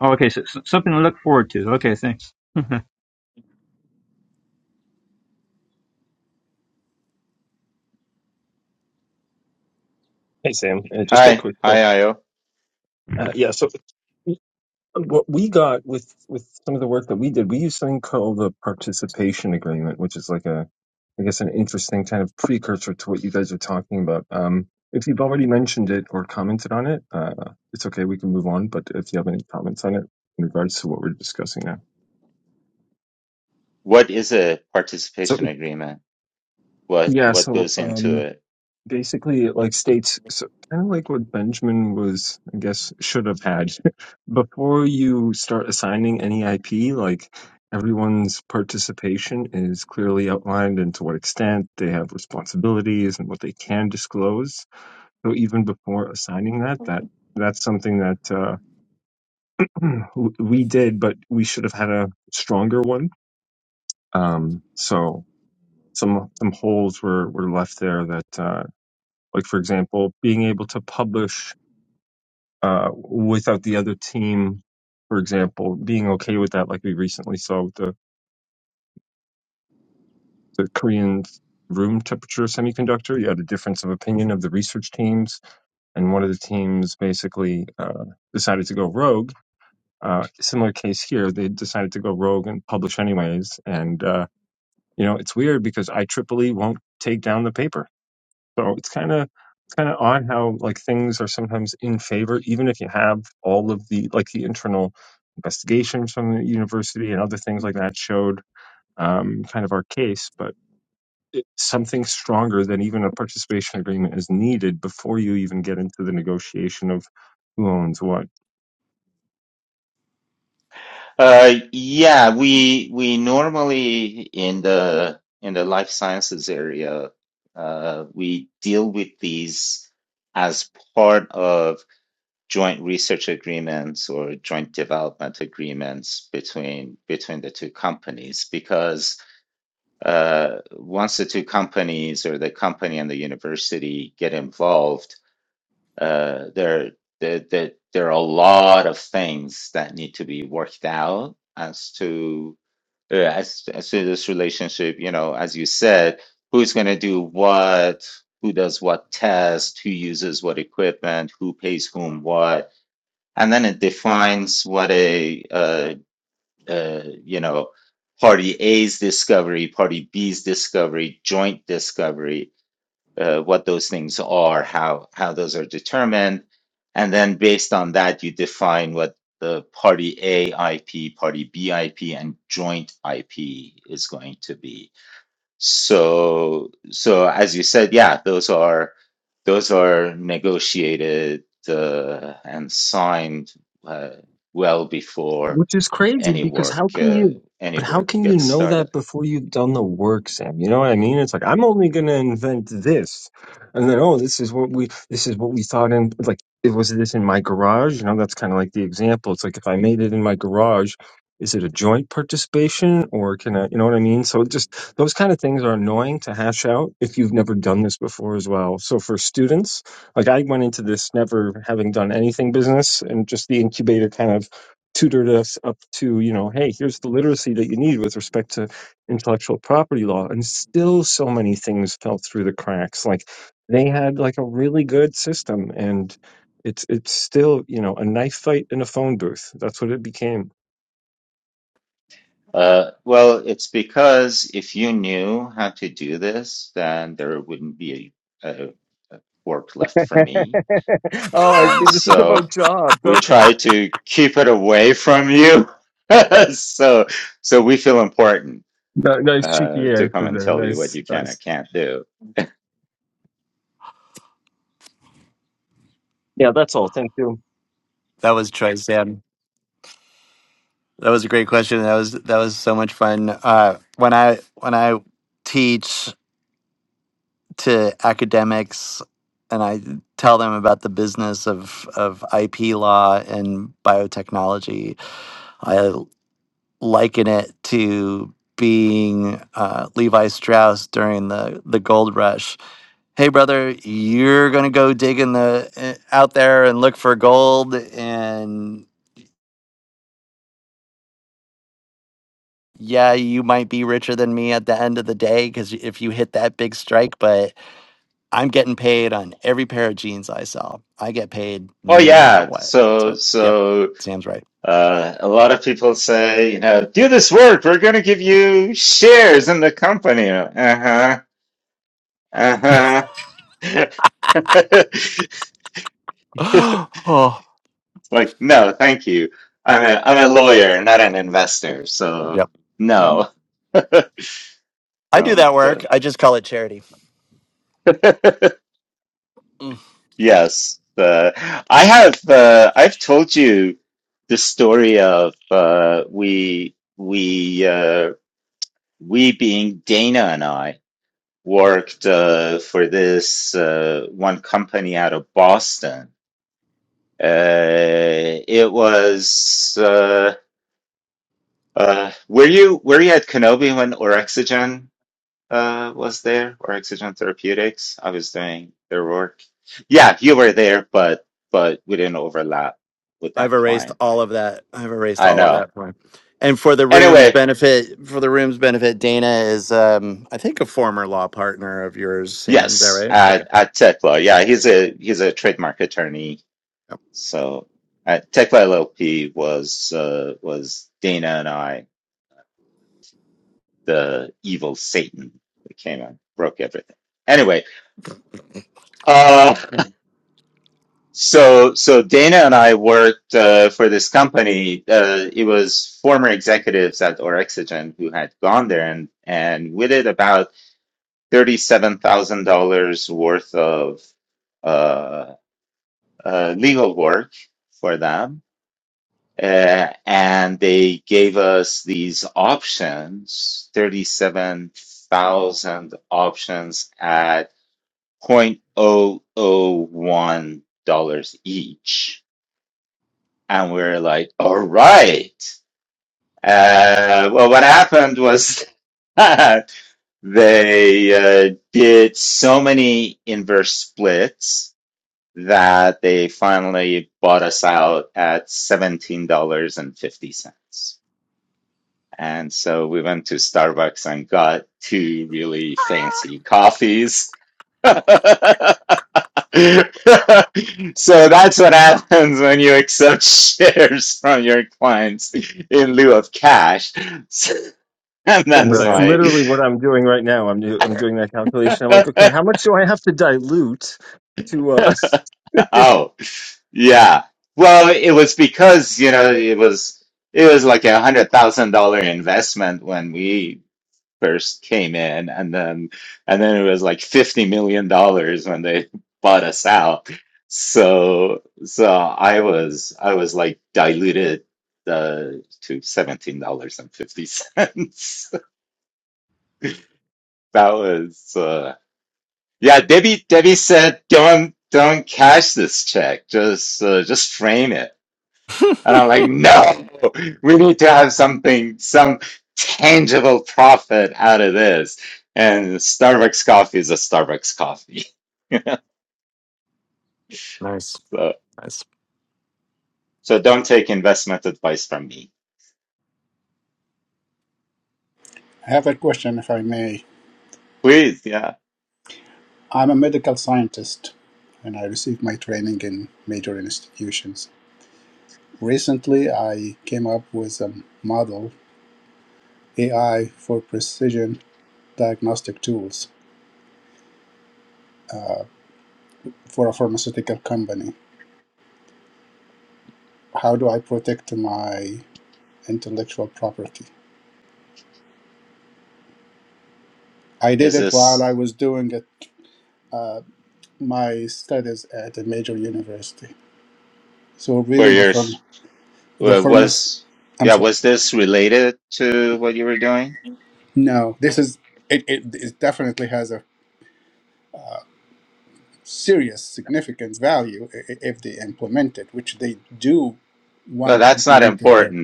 oh, okay. So, so something to look forward to. Okay, thanks. oh
Hey, Sam. Uh, just a quick question. Uh, yeah, so what we got with with some of the work that we did, we used something called the participation agreement, which is like a, I guess, an interesting kind of precursor to what you guys are talking about. Um, if you've already mentioned it or commented on it, uh, it's okay. We can move on. But if you have any comments on it in regards to what we're discussing now, so yeah, so um, basically it like states so, kind of like what benjamin was i guess should have had before you start assigning any ip like everyone's participation is clearly outlined and to what extent they have responsibilities and what they can disclose so even before assigning that that that's something that uh, we did but we should have had a stronger one um, so some some holes were were left there that uh, like for example being able to publish uh, without the other team, for example, being okay with that, like we recently saw with the, the Korean room temperature semiconductor. You had a difference of opinion of the research teams, and one of the teams basically uh, decided to go rogue. Uh, similar case here, they decided to go rogue and publish anyways. And, uh, you know, it's weird because IEEE won't take down the paper So it's kind of it's kind of odd how like things are sometimes in favor, even if you have all of the like the internal investigations from the university and other things like that showed um, kind of our case, but it, something stronger than even a participation agreement is needed before you even get into the negotiation of who owns what. Which is crazy because how can you, but how can you know that before you've done the work, Sam? You know what I mean? It's like, I'm only going to invent this. And then, oh, this is what we, this is what we thought in, like, it was this in my garage. You know, that's kind of like the example. It's like, if I made it in my garage, is it a joint participation or can I, you know what I mean? So it just those kind of things are annoying to hash out if you've never done this before as well. So for students, like I went into this never having done anything business and just the incubator kind of tutored us up to, you know, hey, here's the literacy that you need with respect to intellectual property law. And still so many things fell through the cracks. Like they had like a really good system and it's it's still, you know, a knife fight in a phone booth. That's what it became. oh, I see. This is about jobs. Okay. Ni- Nice cheeky answer there. Nice, nice. Yeah, that's all. Thank you.
That was Troy Sam. That was a great question. That was that was so much fun. Uh, when I when I teach to academics and I tell them about the business of of IP law and biotechnology, I liken it to being uh, Levi Strauss during the the gold rush. Hey, brother, you're gonna go dig in the eh, out there and look for gold, and yeah, you might be richer than me at the end of the day because if you hit that big strike, but I'm getting paid on every pair of jeans I sell. I get paid no matter what. So, yep, Sam's right. oh, yep, yep. I do that work. I just call it charity. Mm. I've erased all of that. I've erased all of that for him. And for the room's benefit, for the room's benefit, Dana is, um, I think, a former law partner of yours, Sam. Is that right? Okay, that's
That's
brilliant.
literally what I'm doing right now. I'm do, I'm doing that calculation. I'm like, okay, how much do I have to dilute to? Uh,
nice, nice.
I have a question, if I may. I'm a medical scientist and I received my training in major institutions. Recently, I came up with a model AI for precision diagnostic tools uh, for a pharmaceutical company. How do I protect my intellectual property? I did it while I was doing it, uh, my studies at a major university. So, really, the, pharm- the pharma, I'm sorry. No, this is it, it, it definitely has a serious, significant value i- i- if they implement it, which they do want to implement it. But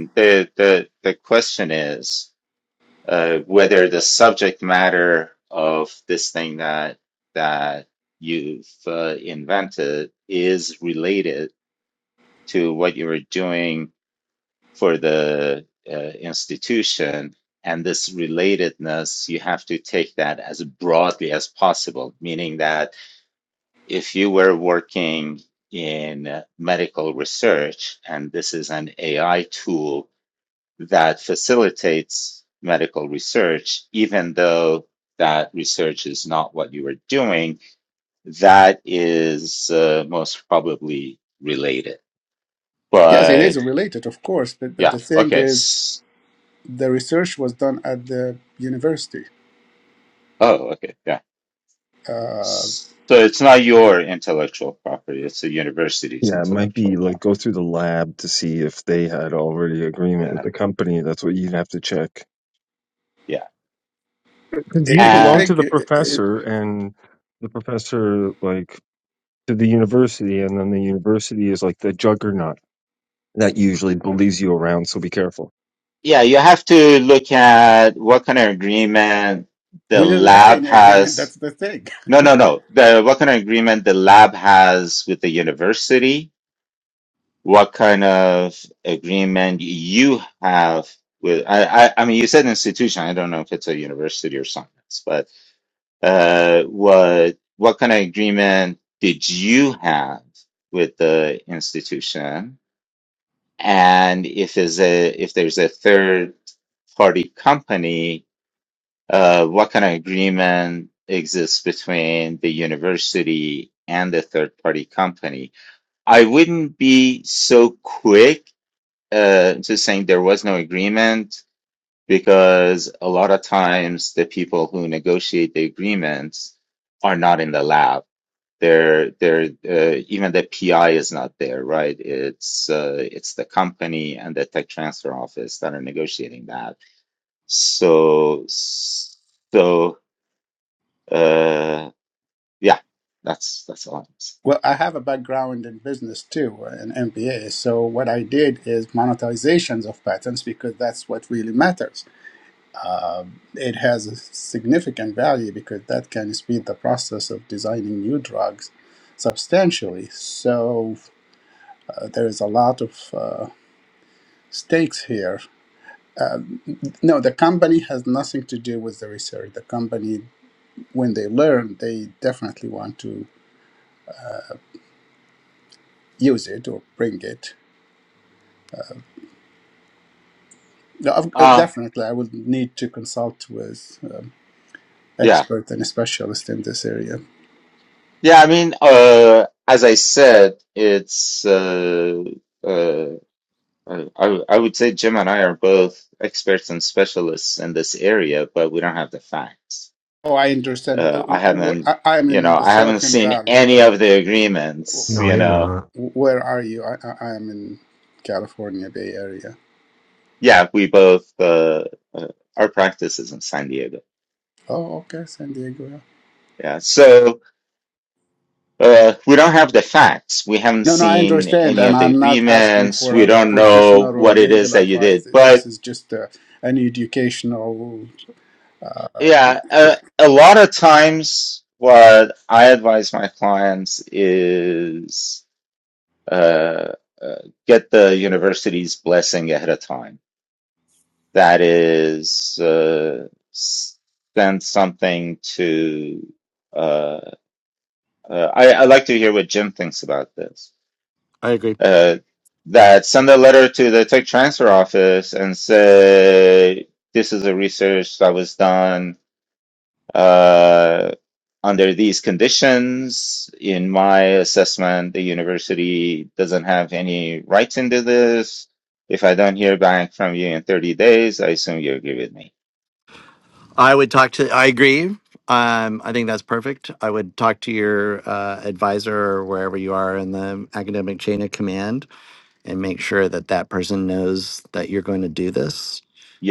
yes, it is related, of course. But, but the thing is, the research was done at the university. Uh,
Yeah, it might be like go through the lab to see if they had already agreement with the company. That's what you'd have to check. Because
it,
you
it- the
belong
thing,
to the
it, it,
professor and the professor like to the university and then the university is like the juggernaut that usually bullies you around, so be careful.
we didn't have any agreement. That's the thing. Well, I have a background in business too, an MBA. So what I did is monetizations of patents because that's what really matters it has a significant value because that can speed the process of designing new drugs substantially. So uh, there is a lot of uh, stakes here. No, the company has nothing to do with the research. The company, when they learn, they definitely want to use it or bring it. No, of- uh, definitely, I would need to consult with um, experts and specialists in this area. Oh, I understand. Uh, w- w- I am in the Silicon Valley. Where?
No, you're not.
Where are you? I, I, I am in California Bay Area. Oh, okay, San Diego. yeah. No, no, I understand, and I'm not asking for a professional or legal advice. This is just uh an educational uh, thing.
I agree. I would talk to. I agree. Um, I think that's perfect. I would talk to your uh, advisor or wherever you are in the academic chain of command and make sure that that person knows that you're going to do this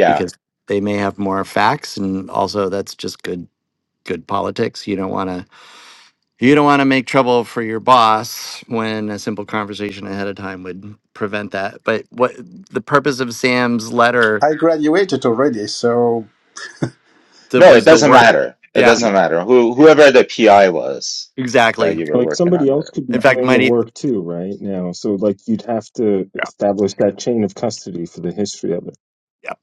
because they may have more facts and also that's just good good politics. You don't want to you don't want to make trouble for your boss when a simple conversation ahead of time would prevent that. But what the purpose of Sam's letter
I graduated already, so
that was the work. Yeah, exactly.
Like somebody else could be
In fact, it
doing the
might e-
work too, right? Now, so like you'd have to
Yeah.
establish that chain of custody for the history of it.
yeah,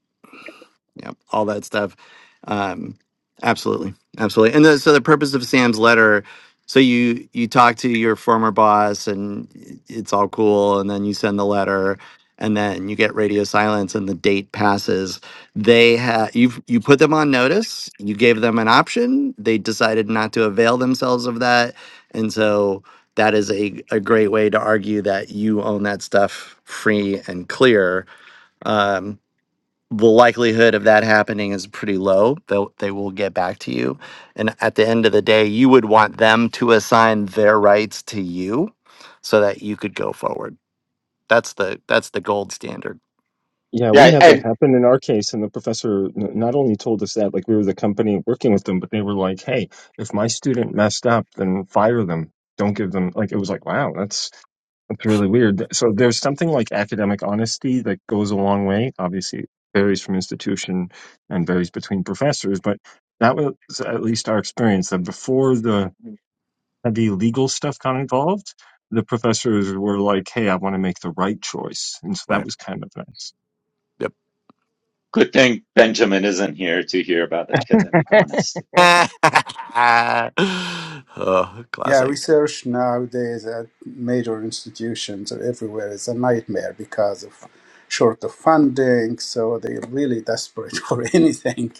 yeah, all that stuff. Um, absolutely, absolutely. And the, so the purpose of Sam's letter. So you you talk to your former boss, and it's all cool, and then you send the letter, and then you get radio silence, and the date passes. They have you you put them on notice. You gave them an option. They decided not to avail themselves of that, and so. That is a, a great way to argue that you own that stuff free and clear. Um, the likelihood of that happening is pretty low. They'll, they will get back to you. And at the end of the day, you would want them to assign their rights to you so that you could go forward. That's the that's the gold standard.
Yeah, we had that happen in our case, and the professor n- not only told us that, like we were the company working with them, but they were like, "Hey, if my student messed up, then fire them. Don't give them." Like it was like, "Wow, that's that's really weird." So there's something like academic honesty that goes a long way. Obviously, it varies from institution and varies between professors, but that was at least our experience that before the heavy legal stuff got involved, the professors were like, "Hey, I want to make the right choice," and so that
Right.
was kind of nice.
Yep. oh,
yeah,
classic.
research nowadays at major institutions or everywhere is a nightmare because of short of funding, so they're really desperate for anything.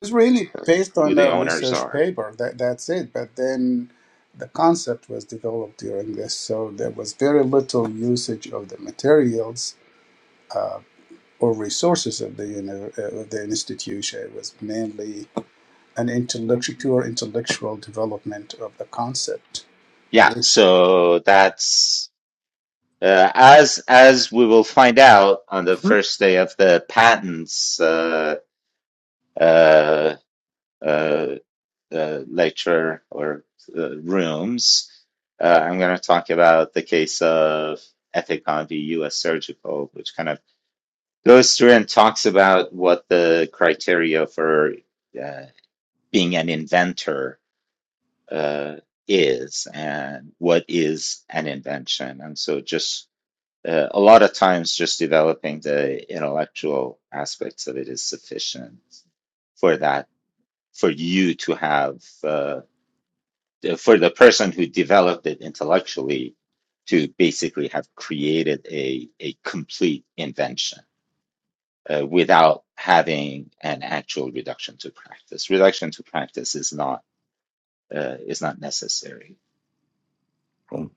It's really based on a research paper. That that's it. But then the concept was developed during this, so there was very little usage of the materials or resources of the uni- uh, of the institution. It was mainly an intellectual, pure intellectual development of the concept. Which
Mm.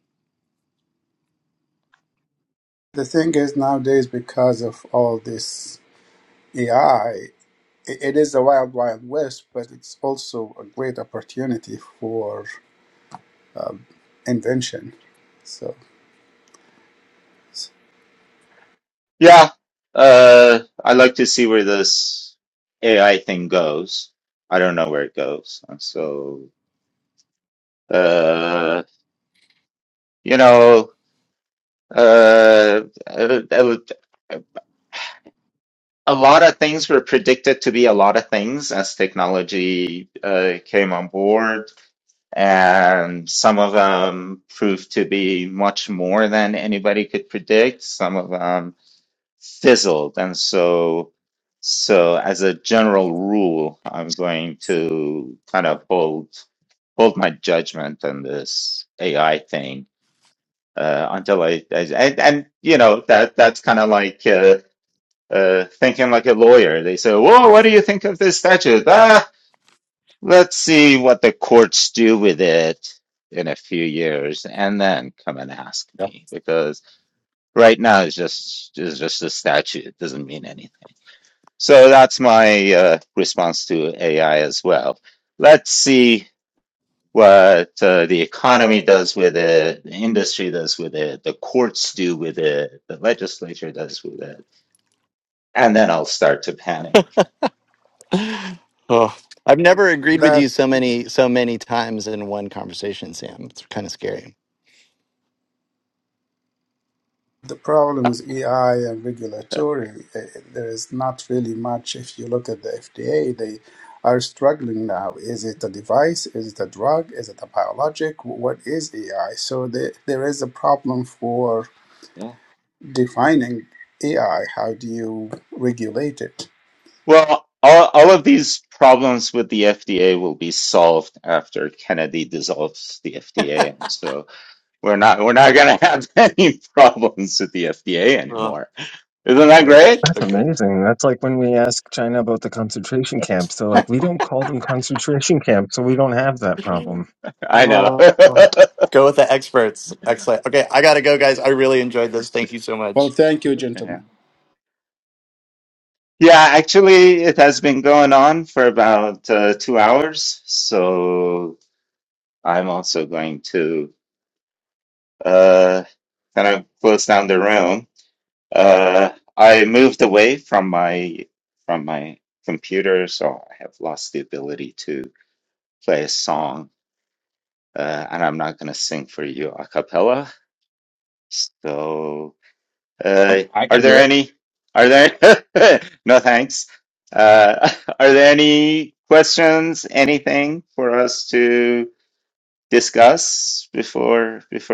the thing is nowadays, because of all this AI, it is a wild, wild west, but it's also a great opportunity for invention. So. so
Yep. Oh, I've never agreed with you
that
so many so many times in one conversation, Sam. It's kind of scary.
the problem with AI and regulatory, eh, there is not really much. If you look at the FDA, they are struggling now. Is it a device? Is it a drug? Is it a biologic? What is AI? So the, there is a problem for defining AI. How do you regulate it?
Oh, yes.
That's amazing. That's like when we ask China about the concentration camps. They're like, we don't call them concentration camps, so we don't have that problem.
Oh. Go with the experts. Excellent. Okay, I gotta go, guys. I really enjoyed this. Thank you so
Well,
much.
thank you, gentlemen.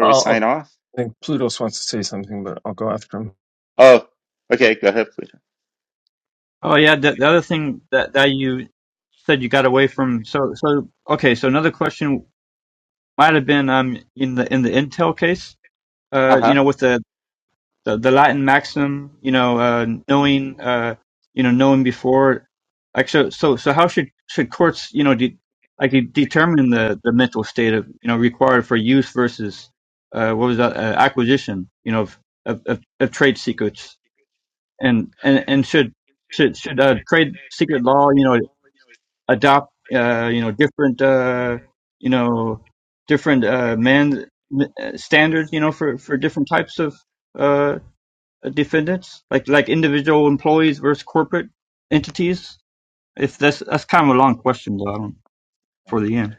Oh, oh, I think Plutos wants to say something, but I'll go after him.
yeah, the, the other thing that that you said you got away from. So so okay. So another question might have been um in the in the Intel case. uh, you know, with the, the, the Latin maxim, you know, uh, knowing, uh, you know, knowing before, like, so, so, so how should, should courts, you know, de- like de- determine the, the mental state of, you know, required for use versus, uh, what was that, uh, acquisition, you know, of, of, of, of trade secrets and, and, and should, should, should, uh, trade secret law, you know, adopt uh, you know different uh, you know different uh, man m- uh, standards you know for, for different types of uh, defendants like like individual employees versus corporate entities if that's that's kind of a long question though I don't, for the end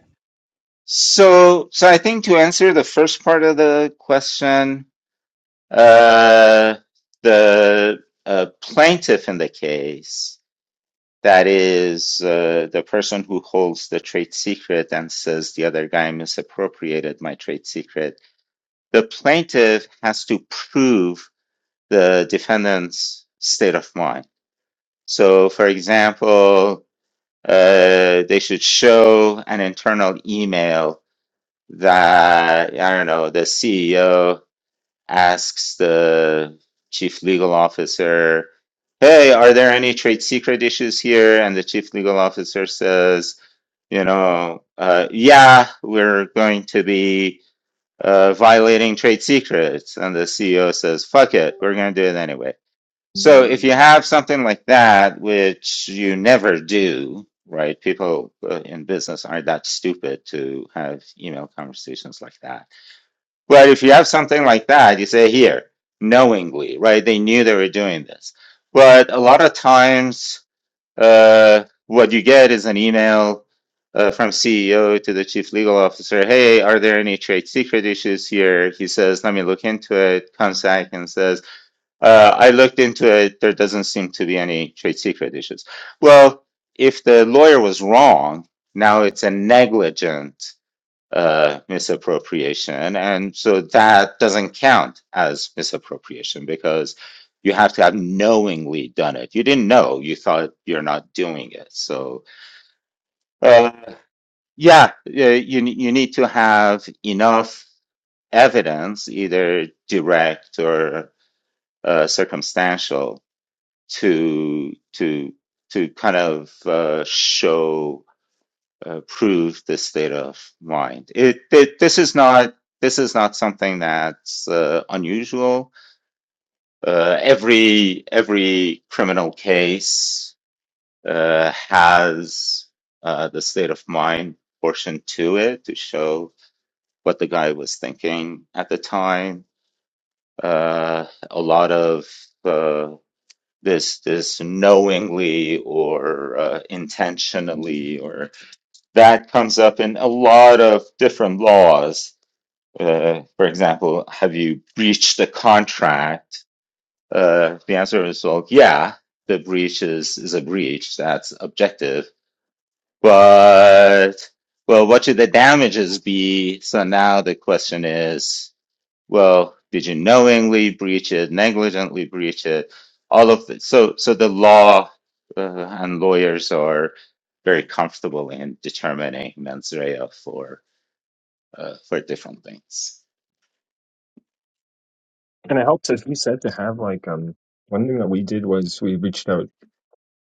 And it helps, as you said, to have like um one thing that we did was we reached out.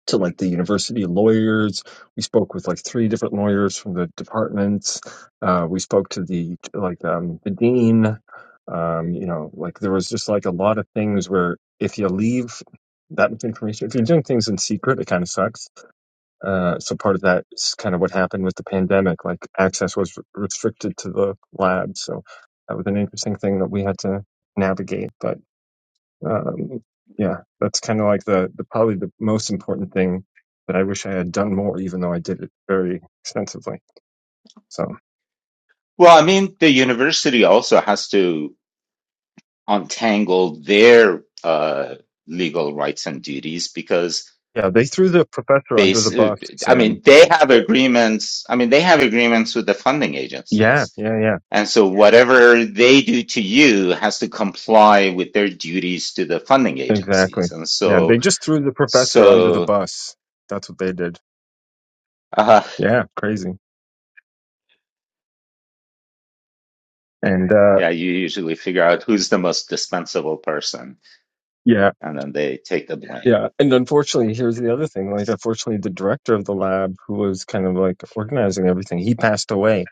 to like the university lawyers. We spoke with like three different lawyers from the departments. Uh, we spoke to the like um, the dean. Um, you know, like there was just like a lot of things where if you leave that much information, if you're doing things in secret, it kind of sucks. Uh, so part of that is kind of what happened with the pandemic. Like access was restricted to the lab, so that was an interesting thing that we had to navigate. But um, yeah, that's kind of like the, the probably the most important thing that I wish I had done more, even though I did it very extensively. So yeah, they threw the professor under the bus, Sam. Yeah, yeah, yeah, exactly. Yeah, they just threw the professor under the bus. That's what they did. Yeah, crazy. And uh, yeah, Yeah, and unfortunately, here's the other thing. Like, unfortunately, the director of the lab, who was kind of like organizing everything, he passed away.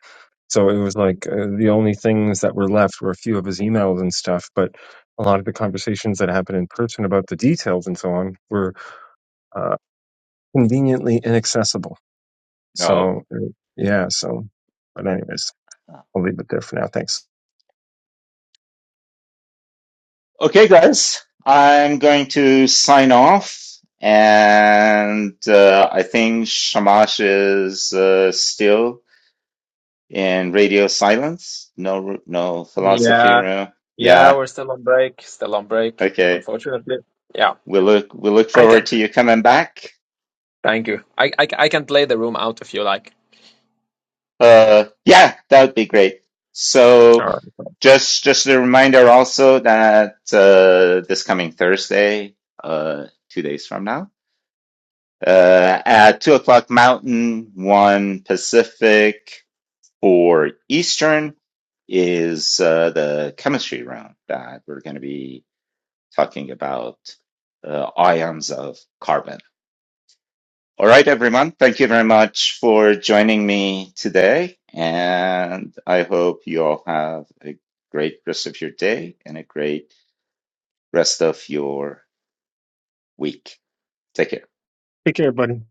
So it was like uh, the only things that were left were a few of his emails and stuff. But a lot of the conversations that happened in person about the details and so on were uh, conveniently inaccessible. So uh, yeah, so but anyways, I'll leave it there for now. Thanks.
yeah yeah we're still on break still on break unfortunately yeah I can thank you I I, I can play the room out if you like Alright.
Take care, buddy.